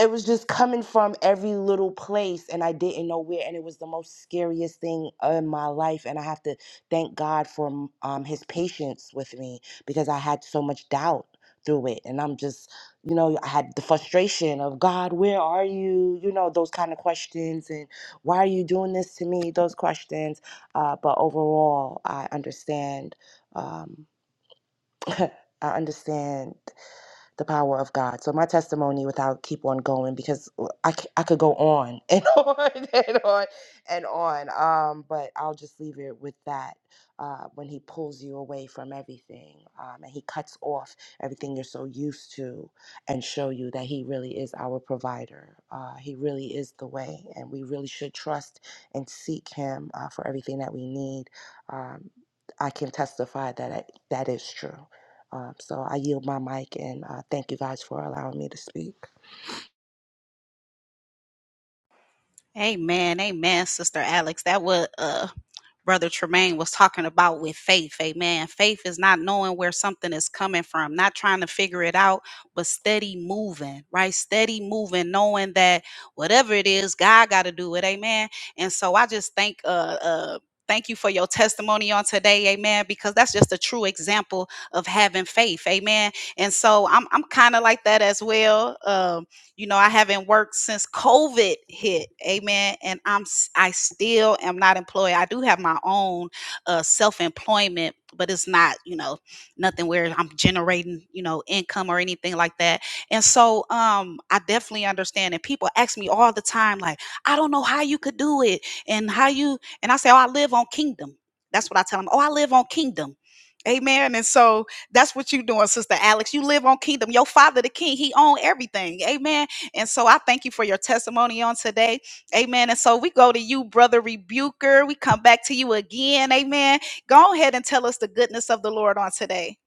it was just coming from every little place and i didn't know where and it was the most scariest thing in my life and i have to thank god for um, his patience with me because i had so much doubt through it and i'm just you know i had the frustration of god where are you you know those kind of questions and why are you doing this to me those questions uh, but overall i understand um, i understand the power of God. So my testimony, without keep on going because uh, I, c- I could go on and on and on and on. Um, but I'll just leave it with that. Uh, when He pulls you away from everything, um, and He cuts off everything you're so used to, and show you that He really is our provider. Uh, he really is the way, and we really should trust and seek Him uh, for everything that we need. Um, I can testify that I, that is true. Um, so I yield my mic and uh, thank you guys for allowing me to speak.
Amen. Amen, Sister Alex. That what uh Brother Tremaine was talking about with faith. Amen. Faith is not knowing where something is coming from, not trying to figure it out, but steady moving, right? Steady moving, knowing that whatever it is, God got to do it. Amen. And so I just thank uh uh Thank you for your testimony on today, amen, because that's just a true example of having faith, amen. And so I'm, I'm kind of like that as well. Um, you know, I haven't worked since COVID hit. Amen. And I'm s- I still am not employed. I do have my own uh self-employment, but it's not, you know, nothing where I'm generating, you know, income or anything like that. And so um I definitely understand and people ask me all the time like, "I don't know how you could do it and how you" and I say, "Oh, I live on kingdom." That's what I tell them. "Oh, I live on kingdom." Amen. And so that's what you're doing, Sister Alex. You live on kingdom. Your father, the king, he own everything. Amen. And so I thank you for your testimony on today. Amen. And so we go to you, Brother Rebuker. We come back to you again. Amen. Go ahead and tell us the goodness of the Lord on today.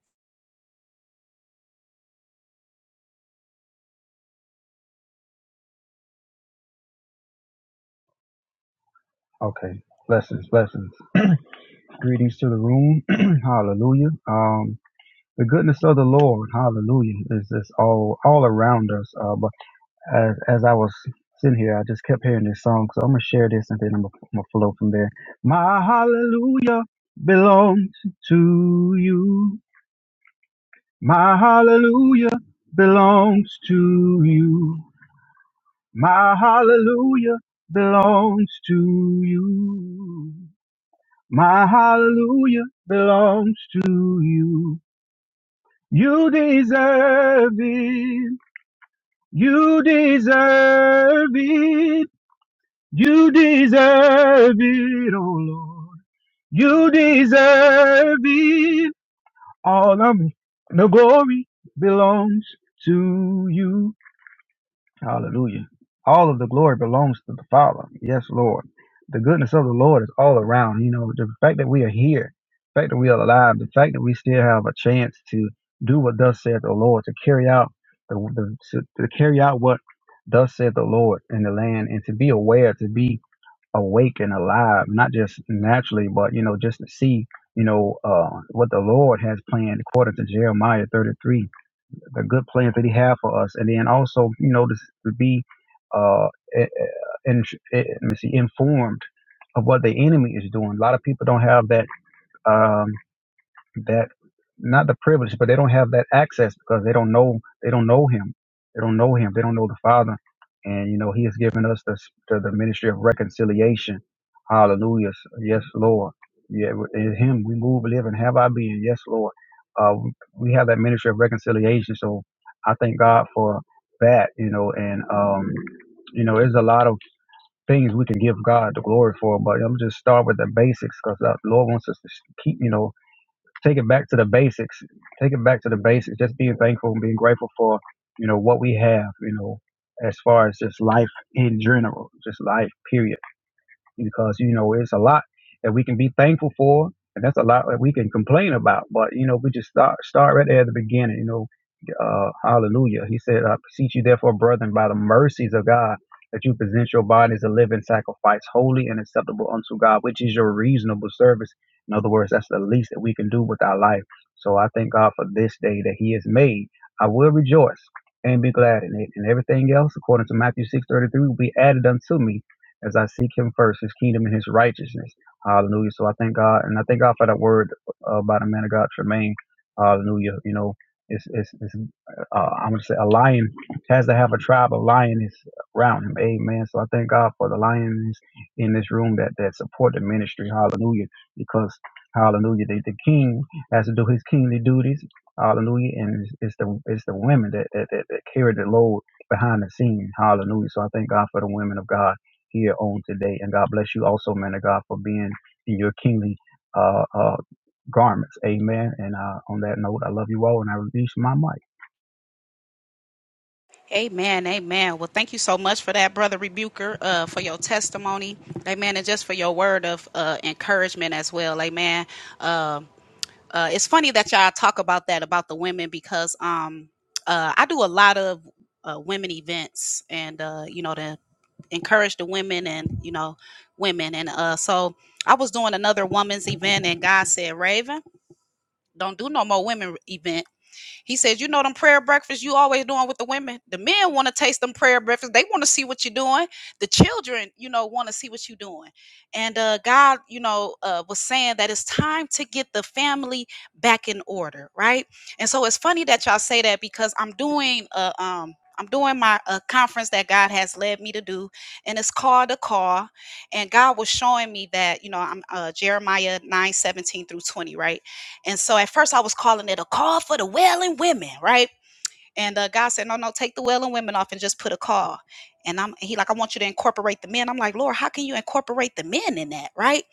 Okay. Blessings, blessings. Greetings to the room. hallelujah. Um, the goodness of the Lord, hallelujah, is just all all around us. Uh, but as as I was sitting here, I just kept hearing this song, so I'm gonna share this and then I'm gonna, I'm gonna flow from there. My hallelujah belongs to you. My hallelujah belongs to you. My hallelujah belongs to you. My hallelujah belongs to you. You deserve it. You deserve it. You deserve it, oh Lord. You deserve it. All of me, the glory belongs to you. Hallelujah. All of the glory belongs to the Father. Yes, Lord. The goodness of the Lord is all around. You know, the fact that we are here, the fact that we are alive, the fact that we still have a chance to do what thus said the Lord, to carry out the, the to, to carry out what thus said the Lord in the land and to be aware, to be awake and alive, not just naturally, but you know, just to see, you know, uh, what the Lord has planned according to Jeremiah 33 the good plans that he had for us, and then also, you know, to, to be uh, eh, eh, in, eh, let me see, informed of what the enemy is doing. A lot of people don't have that. Um, that not the privilege, but they don't have that access because they don't know they don't know him. They don't know him. They don't know the Father. And you know, He has given us the to the ministry of reconciliation. Hallelujah. Yes, Lord. Yeah, in Him we move, live, and have our being. Yes, Lord. Uh, we have that ministry of reconciliation. So I thank God for that. You know, and um, you know, there's a lot of things we can give God the glory for, but I'm just start with the basics because the Lord wants us to keep. You know, take it back to the basics. Take it back to the basics. Just being thankful and being grateful for, you know, what we have, you know, as far as just life in general, just life, period because you know it's a lot that we can be thankful for, and that's a lot that we can complain about. But you know, we just start start right there at the beginning. You know, uh, Hallelujah. He said, "I beseech you, therefore, brethren, by the mercies of God, that you present your bodies a living sacrifice, holy and acceptable unto God, which is your reasonable service." In other words, that's the least that we can do with our life. So I thank God for this day that He has made. I will rejoice and be glad in it. And everything else, according to Matthew six thirty three, will be added unto me as I seek Him first, His kingdom and His righteousness. Hallelujah. So I thank God, and I thank God for that word uh, by the man of God, Tremaine. Hallelujah. You know, it's it's, it's uh, I'm gonna say a lion has to have a tribe of lions around him. Amen. So I thank God for the lions in this room that that support the ministry. Hallelujah. Because Hallelujah, the, the king has to do his kingly duties. Hallelujah, and it's, it's the it's the women that that, that that carry the load behind the scene. Hallelujah. So I thank God for the women of God here on today. And God bless you also, man of God, for being in your kingly uh, uh, garments. Amen. And uh, on that note, I love you all and I release my mic.
Amen. Amen. Well, thank you so much for that, Brother Rebuker, uh, for your testimony. Amen. And just for your word of uh, encouragement as well. Amen. Um uh, it's funny that y'all talk about that, about the women, because um, uh, I do a lot of uh, women events and, uh, you know, the encourage the women and you know women and uh so i was doing another woman's event and god said raven don't do no more women event he says, you know them prayer breakfasts you always doing with the women. The men want to taste them prayer breakfasts. They want to see what you're doing. The children, you know, want to see what you're doing. And uh, God, you know, uh, was saying that it's time to get the family back in order, right? And so it's funny that y'all say that because I'm doing a um I'm doing my uh, conference that God has led me to do, and it's called a call. And God was showing me that, you know, I'm uh, Jeremiah 9 17 through 20, right? And so at first I was calling it a call for the wailing women, right? And uh, God said, No, no, take the well and women off and just put a call. And I'm he like, I want you to incorporate the men. I'm like, Lord, how can you incorporate the men in that? Right.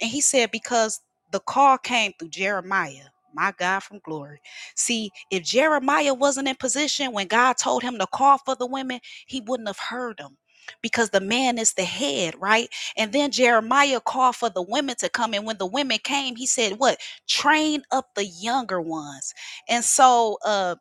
And he said, Because the call came through Jeremiah. My God from glory. See, if Jeremiah wasn't in position when God told him to call for the women, he wouldn't have heard them because the man is the head, right? And then Jeremiah called for the women to come. And when the women came, he said, What? Train up the younger ones. And so, uh,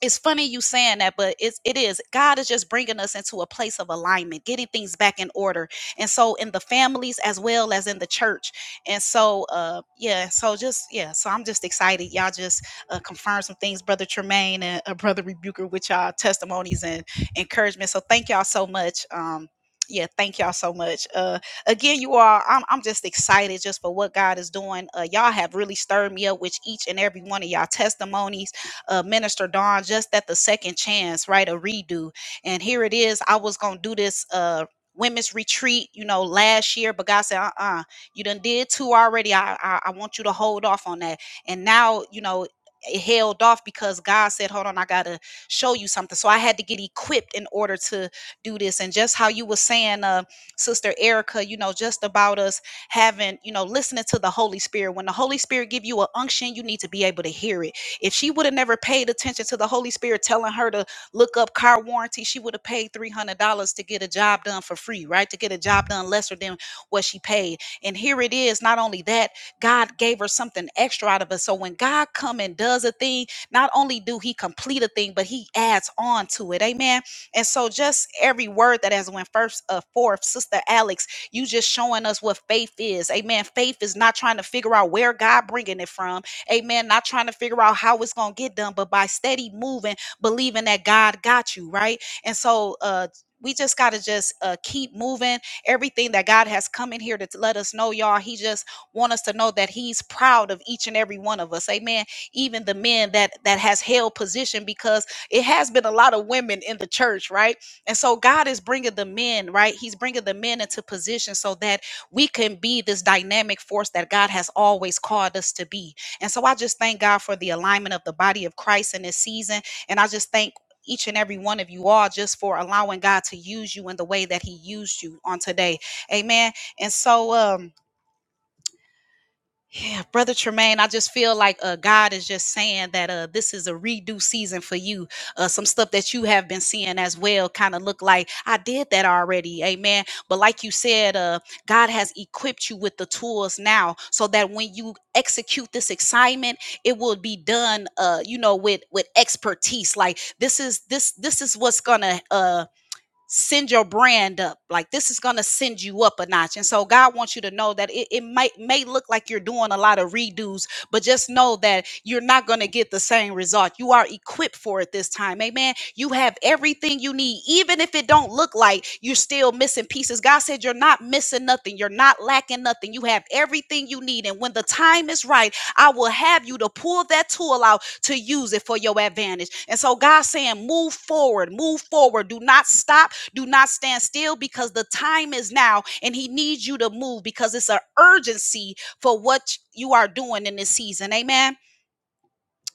it's funny you saying that but it's it is god is just bringing us into a place of alignment getting things back in order and so in the families as well as in the church and so uh yeah so just yeah so i'm just excited y'all just uh, confirm some things brother tremaine and uh, brother rebuker with y'all testimonies and encouragement so thank y'all so much um yeah, thank y'all so much. Uh, again, you all, I'm, I'm just excited just for what God is doing. Uh, y'all have really stirred me up with each and every one of y'all testimonies uh, Minister Dawn just at the second chance, right? A redo. And here it is. I was going to do this uh, women's retreat, you know, last year, but God said, uh uh you done did two already. I, I, I want you to hold off on that. And now, you know, it held off because God said, hold on, I got to show you something. So I had to get equipped in order to do this. And just how you were saying, uh, Sister Erica, you know, just about us having, you know, listening to the Holy Spirit. When the Holy Spirit give you a unction, you need to be able to hear it if she would have never paid attention to the Holy Spirit telling her to look up car warranty, she would have paid $300 to get a job done for free, right? To get a job done lesser than what she paid. And here it is. Not only that, God gave her something extra out of it. So when God come and does a thing, not only do he complete a thing, but he adds on to it. Amen. And so just every word that has went first uh forth, Sister Alex, you just showing us what faith is. Amen. Faith is not trying to figure out where God bringing it from. Amen. Not trying to figure out how it's going to get done, but by steady moving, believing that God got you, right? And so, uh, we just got to just uh, keep moving everything that god has come in here to t- let us know y'all he just want us to know that he's proud of each and every one of us amen even the men that that has held position because it has been a lot of women in the church right and so god is bringing the men right he's bringing the men into position so that we can be this dynamic force that god has always called us to be and so I just thank God for the alignment of the body of Christ in this season. And I just thank each and every one of you all just for allowing God to use you in the way that He used you on today. Amen. And so, um, yeah, Brother Tremaine, I just feel like uh, God is just saying that uh, this is a redo season for you. Uh, some stuff that you have been seeing as well kind of look like I did that already. Amen. But like you said, uh, God has equipped you with the tools now so that when you execute this excitement, it will be done, uh, you know, with with expertise. Like this is this this is what's gonna uh, send your brand up like this is going to send you up a notch and so god wants you to know that it, it might may look like you're doing a lot of redos but just know that you're not going to get the same result you are equipped for it this time amen you have everything you need even if it don't look like you're still missing pieces god said you're not missing nothing you're not lacking nothing you have everything you need and when the time is right i will have you to pull that tool out to use it for your advantage and so god's saying move forward move forward do not stop do not stand still because the time is now and he needs you to move because it's an urgency for what you are doing in this season. Amen.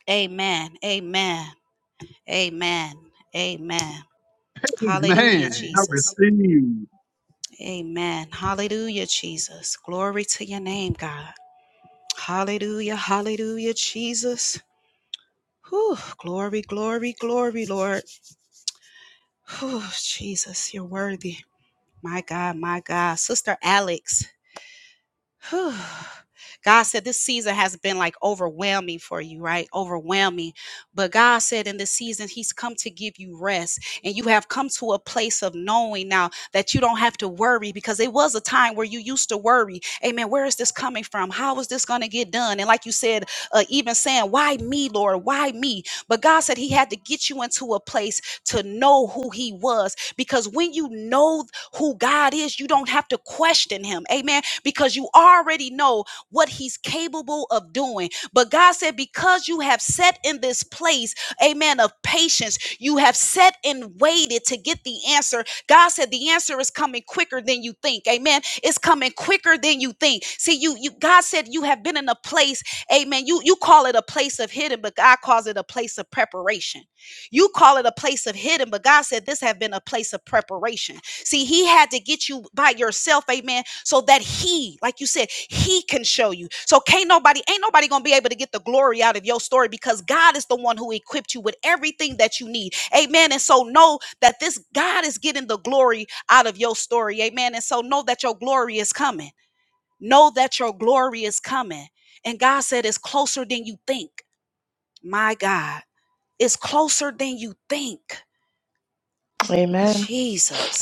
Amen. Amen. Amen. Amen. Hallelujah,
Man, I
Jesus.
receive.
Amen. Hallelujah, Jesus. Glory to your name, God. Hallelujah. Hallelujah, Jesus. Whew, glory, glory, glory, Lord. Whew, Jesus, you're worthy. My God, my God. Sister Alex. Whew. God said this season has been like overwhelming for you, right? Overwhelming. But God said in this season, He's come to give you rest. And you have come to a place of knowing now that you don't have to worry because it was a time where you used to worry. Amen. Where is this coming from? How is this going to get done? And like you said, uh, even saying, Why me, Lord? Why me? But God said He had to get you into a place to know who He was because when you know who God is, you don't have to question Him. Amen because you already know what he's capable of doing. But God said, because you have set in this place, amen, of patience, you have set and waited to get the answer. God said the answer is coming quicker than you think. Amen. It's coming quicker than you think. See, you you God said you have been in a place, amen. You you call it a place of hidden, but God calls it a place of preparation. You call it a place of hidden, but God said this have been a place of preparation. See, he had to get you by yourself, amen, so that he, like you said, he can show you. So can't nobody, ain't nobody gonna be able to get the glory out of your story because God is the one who equipped you with everything that you need. Amen. And so know that this God is getting the glory out of your story. Amen. And so know that your glory is coming. Know that your glory is coming. And God said it's closer than you think. My God, it's closer than you think.
Amen.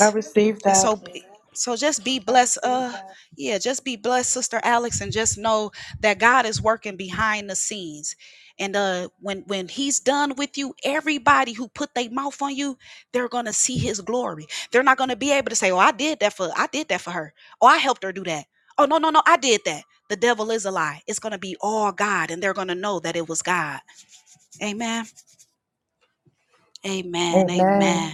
I received
And
that.
so, b- so just be blessed. Uh, yeah, just be blessed, Sister Alex, and just know that God is working behind the scenes. And uh, when when He's done with you, everybody who put their mouth on you, they're gonna see His glory. They're not gonna be able to say, "Oh, I did that for I did that for her. Oh, I helped her do that. Oh, no, no, no, I did that." The devil is a lie. It's gonna be all God, and they're gonna know that it was God. Amen. Amen.
Amen.
Amen.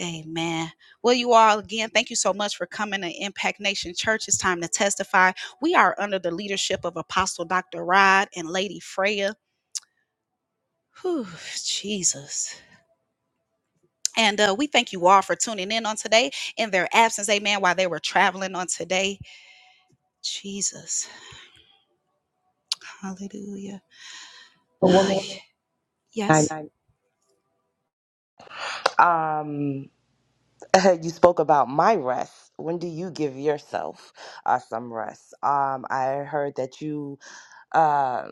Amen. Well, you all, again, thank you so much for coming to Impact Nation Church. It's time to testify. We are under the leadership of Apostle Dr. Rod and Lady Freya. Whew, Jesus. And uh, we thank you all for tuning in on today in their absence, amen, while they were traveling on today. Jesus. Hallelujah.
A
A
woman,
woman,
I-
yes.
um, you spoke about my rest. When do you give yourself uh, some rest? Um, I heard that you. Uh,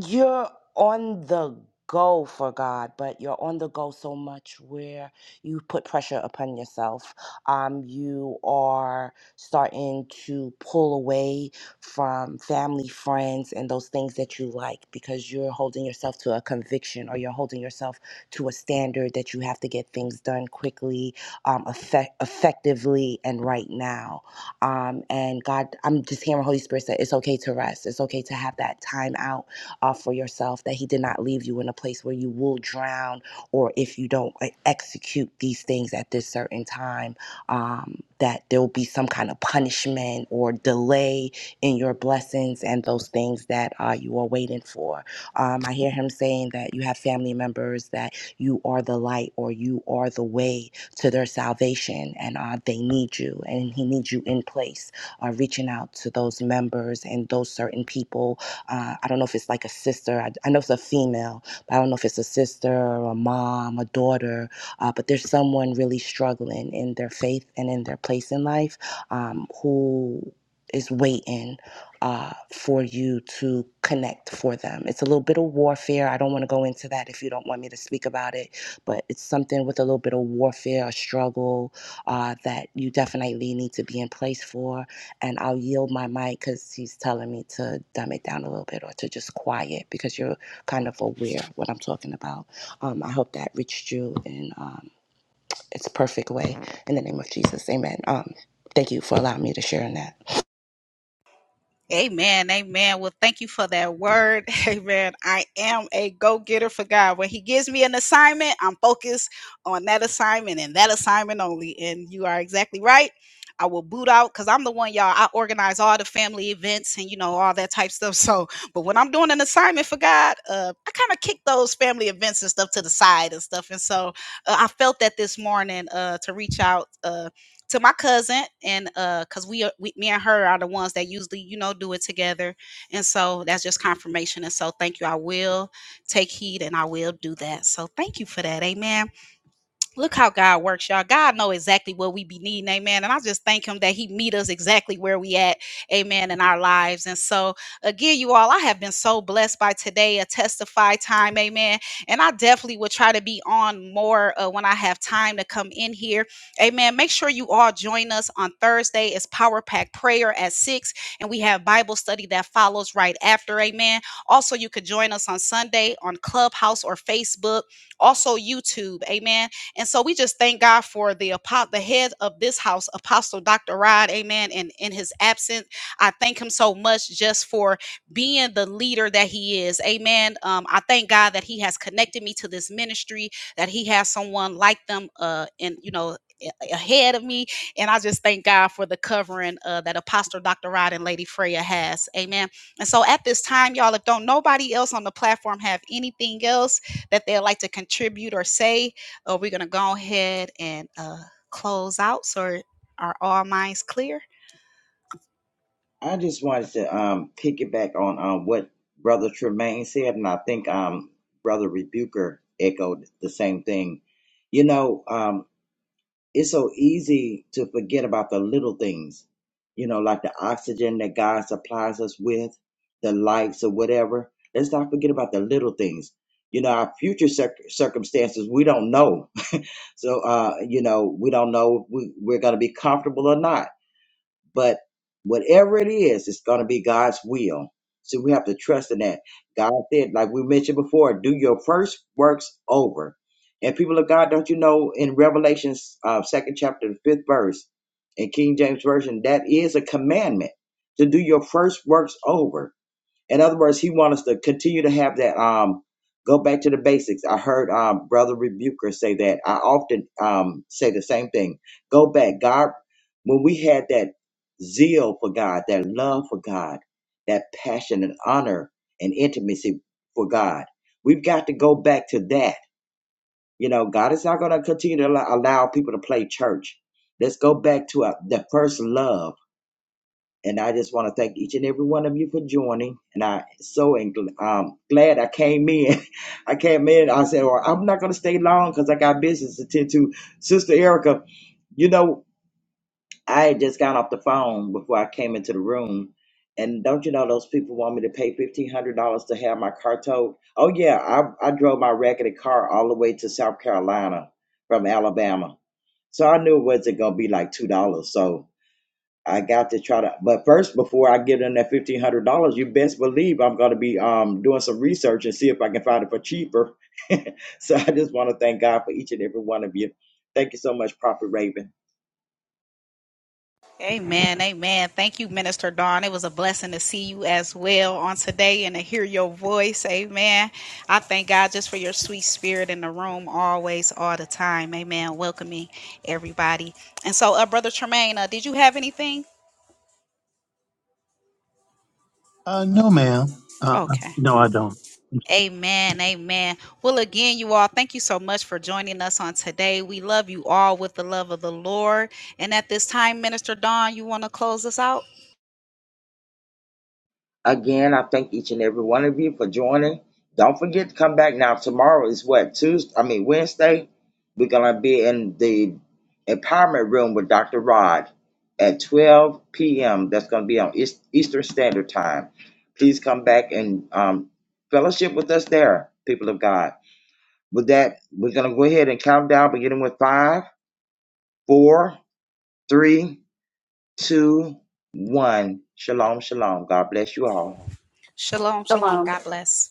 you're on the go for God, but you're on the go so much where you put pressure upon yourself. Um, you are starting to pull away from family, friends, and those things that you like because you're holding yourself to a conviction or you're holding yourself to a standard that you have to get things done quickly, um, effect- effectively, and right now. Um, and God, I'm just hearing Holy Spirit say it's okay to rest. It's okay to have that time out uh, for yourself, that He did not leave you in a place where you will drown or if you don't like, execute these things at this certain time, um, that there will be some kind of punishment or delay in your blessings and those things that uh, you are waiting for. Um, I hear Him saying that you have family members that you are the light or you are the way to their salvation and uh, they need you and he needs you in place uh, reaching out to those members and those certain people uh, I don't know if it's like a sister. I, I know it's a female, but I don't know if it's a sister or a mom, a daughter. Uh, but there's someone really struggling in their faith and in their place in life um, who is waiting uh, for you to connect for them. It's a little bit of warfare. I don't want to go into that if you don't want me to speak about it, but it's something with a little bit of warfare, a struggle uh, that you definitely need to be in place for and I'll yield my mic because he's telling me to dumb it down a little bit or to just quiet because you're kind of aware of what I'm talking about. Um, I hope that reached you in um, its perfect way. In the name of Jesus, amen. Um, thank you for allowing me to share in that.
Amen. Amen. Well, thank you for that word. Amen. I am a go getter for God. When He gives me an assignment, I'm focused on that assignment and that assignment only. And you are exactly right. I will boot out because I'm the one, y'all. I organize all the family events and, you know, all that type stuff. So, but when I'm doing an assignment for God, uh, I kind of kick those family events and stuff to the side and stuff. And so uh, I felt that this morning uh, to reach out. uh, to my cousin and uh because we, are- we me and her are the ones that usually you know do it together and so that's just confirmation and so thank you i will take heed and i will do that so thank you for that amen look how God works, y'all. God know exactly what we be needing, amen. And I just thank him that he meet us exactly where we at, amen, in our lives. And so again, you all, I have been so blessed by today, a testify time, amen. And I definitely will try to be on more uh, when I have time to come in here, amen. Make sure you all join us on Thursday. It's Power Pack Prayer at 6, and we have Bible study that follows right after, amen. Also, you could join us on Sunday on Clubhouse or Facebook, also YouTube, amen and so we just thank God for the apo- the head of this house, Apostle Dr. Rod, amen. And in his absence, I thank him so much just for being the leader that he is, amen. Um, I thank God that he has connected me to this ministry, that he has someone like them, uh, and you know, a- ahead of me. And I just thank God for the covering uh, that Apostle Dr. Rod and Lady Freya has, amen. And so at this time, y'all, if don't nobody else on the platform have anything else that they'd like to contribute or say, or we're going to go ahead and uh, close out. So are all minds clear?
I just wanted to um, piggyback on um, what Brother Tremaine said, and I think um, Brother Rebuker echoed the same thing. You know, um, it's so easy to forget about the little things, you know, like the oxygen that God supplies us with, the lights or whatever. Let's not forget about the little things. You know, our future cir- circumstances, we don't know. so, uh, you know, we don't know if we, we're going to be comfortable or not but whatever it is, it's going to be God's will. So we have to trust in that. God said, like we mentioned before, do your first works over. And people of God, don't you know in Revelations uh, second chapter, the fifth verse, in King James Version, that is a commandment to do your first works over. In other words, he wants us to continue to have that um go back to the basics. I heard um brother Rebuker say that. I often um say the same thing. Go back. God when we had that zeal for God, that love for God, that passion and honor and intimacy for God. We've got to go back to that. You know, God is not going to continue to allow, allow people to play church. Let's go back to our, the first love and I just want to thank each and every one of you for joining. And I so and um, glad I came in. I came in. I said, "Well, I'm not going to stay long because I got business to tend to." Sister Erica, you know, I had just got off the phone before I came into the room, and don't you know those people want me to pay fifteen hundred dollars to have my car towed? Oh yeah, I I drove my raggedy car all the way to South Carolina from Alabama, so I knew it wasn't going to be like two dollars. So. I got to try to, but first, before I give them that fifteen hundred dollars, you best believe I'm going to be um doing some research and see if I can find it for cheaper. so I just want to thank God for each and every one of you. Thank you so much, Prophet Raven.
Amen. Amen. Thank you, Minister Dawn. It was a blessing to see you as well on today and to hear your voice. Amen. I thank God just for your sweet spirit in the room, always, all the time. Amen. Welcoming everybody. And so, uh, Brother Tremaine, uh, did you have anything?
Uh, no, ma'am. Uh, uh,
Okay.
no, I don't.
Amen. Amen. Well, again, you all, thank you so much for joining us on today. We love you all with the love of the Lord. And at this time, Minister Dawn, you want to close us out?
Again, I thank each and every one of you for joining. Don't forget to come back now. Tomorrow is what Tuesday. I mean Wednesday. We're gonna be in the empowerment room with Dr. Rod at 12 p.m. That's gonna be on East, Eastern Standard Time. Please come back and um, fellowship with us there, people of God. With that, we're gonna go ahead and count down, beginning with five, four, three, two, one. Shalom, shalom. God bless you all.
Shalom. Shalom.
Shalom.
God bless.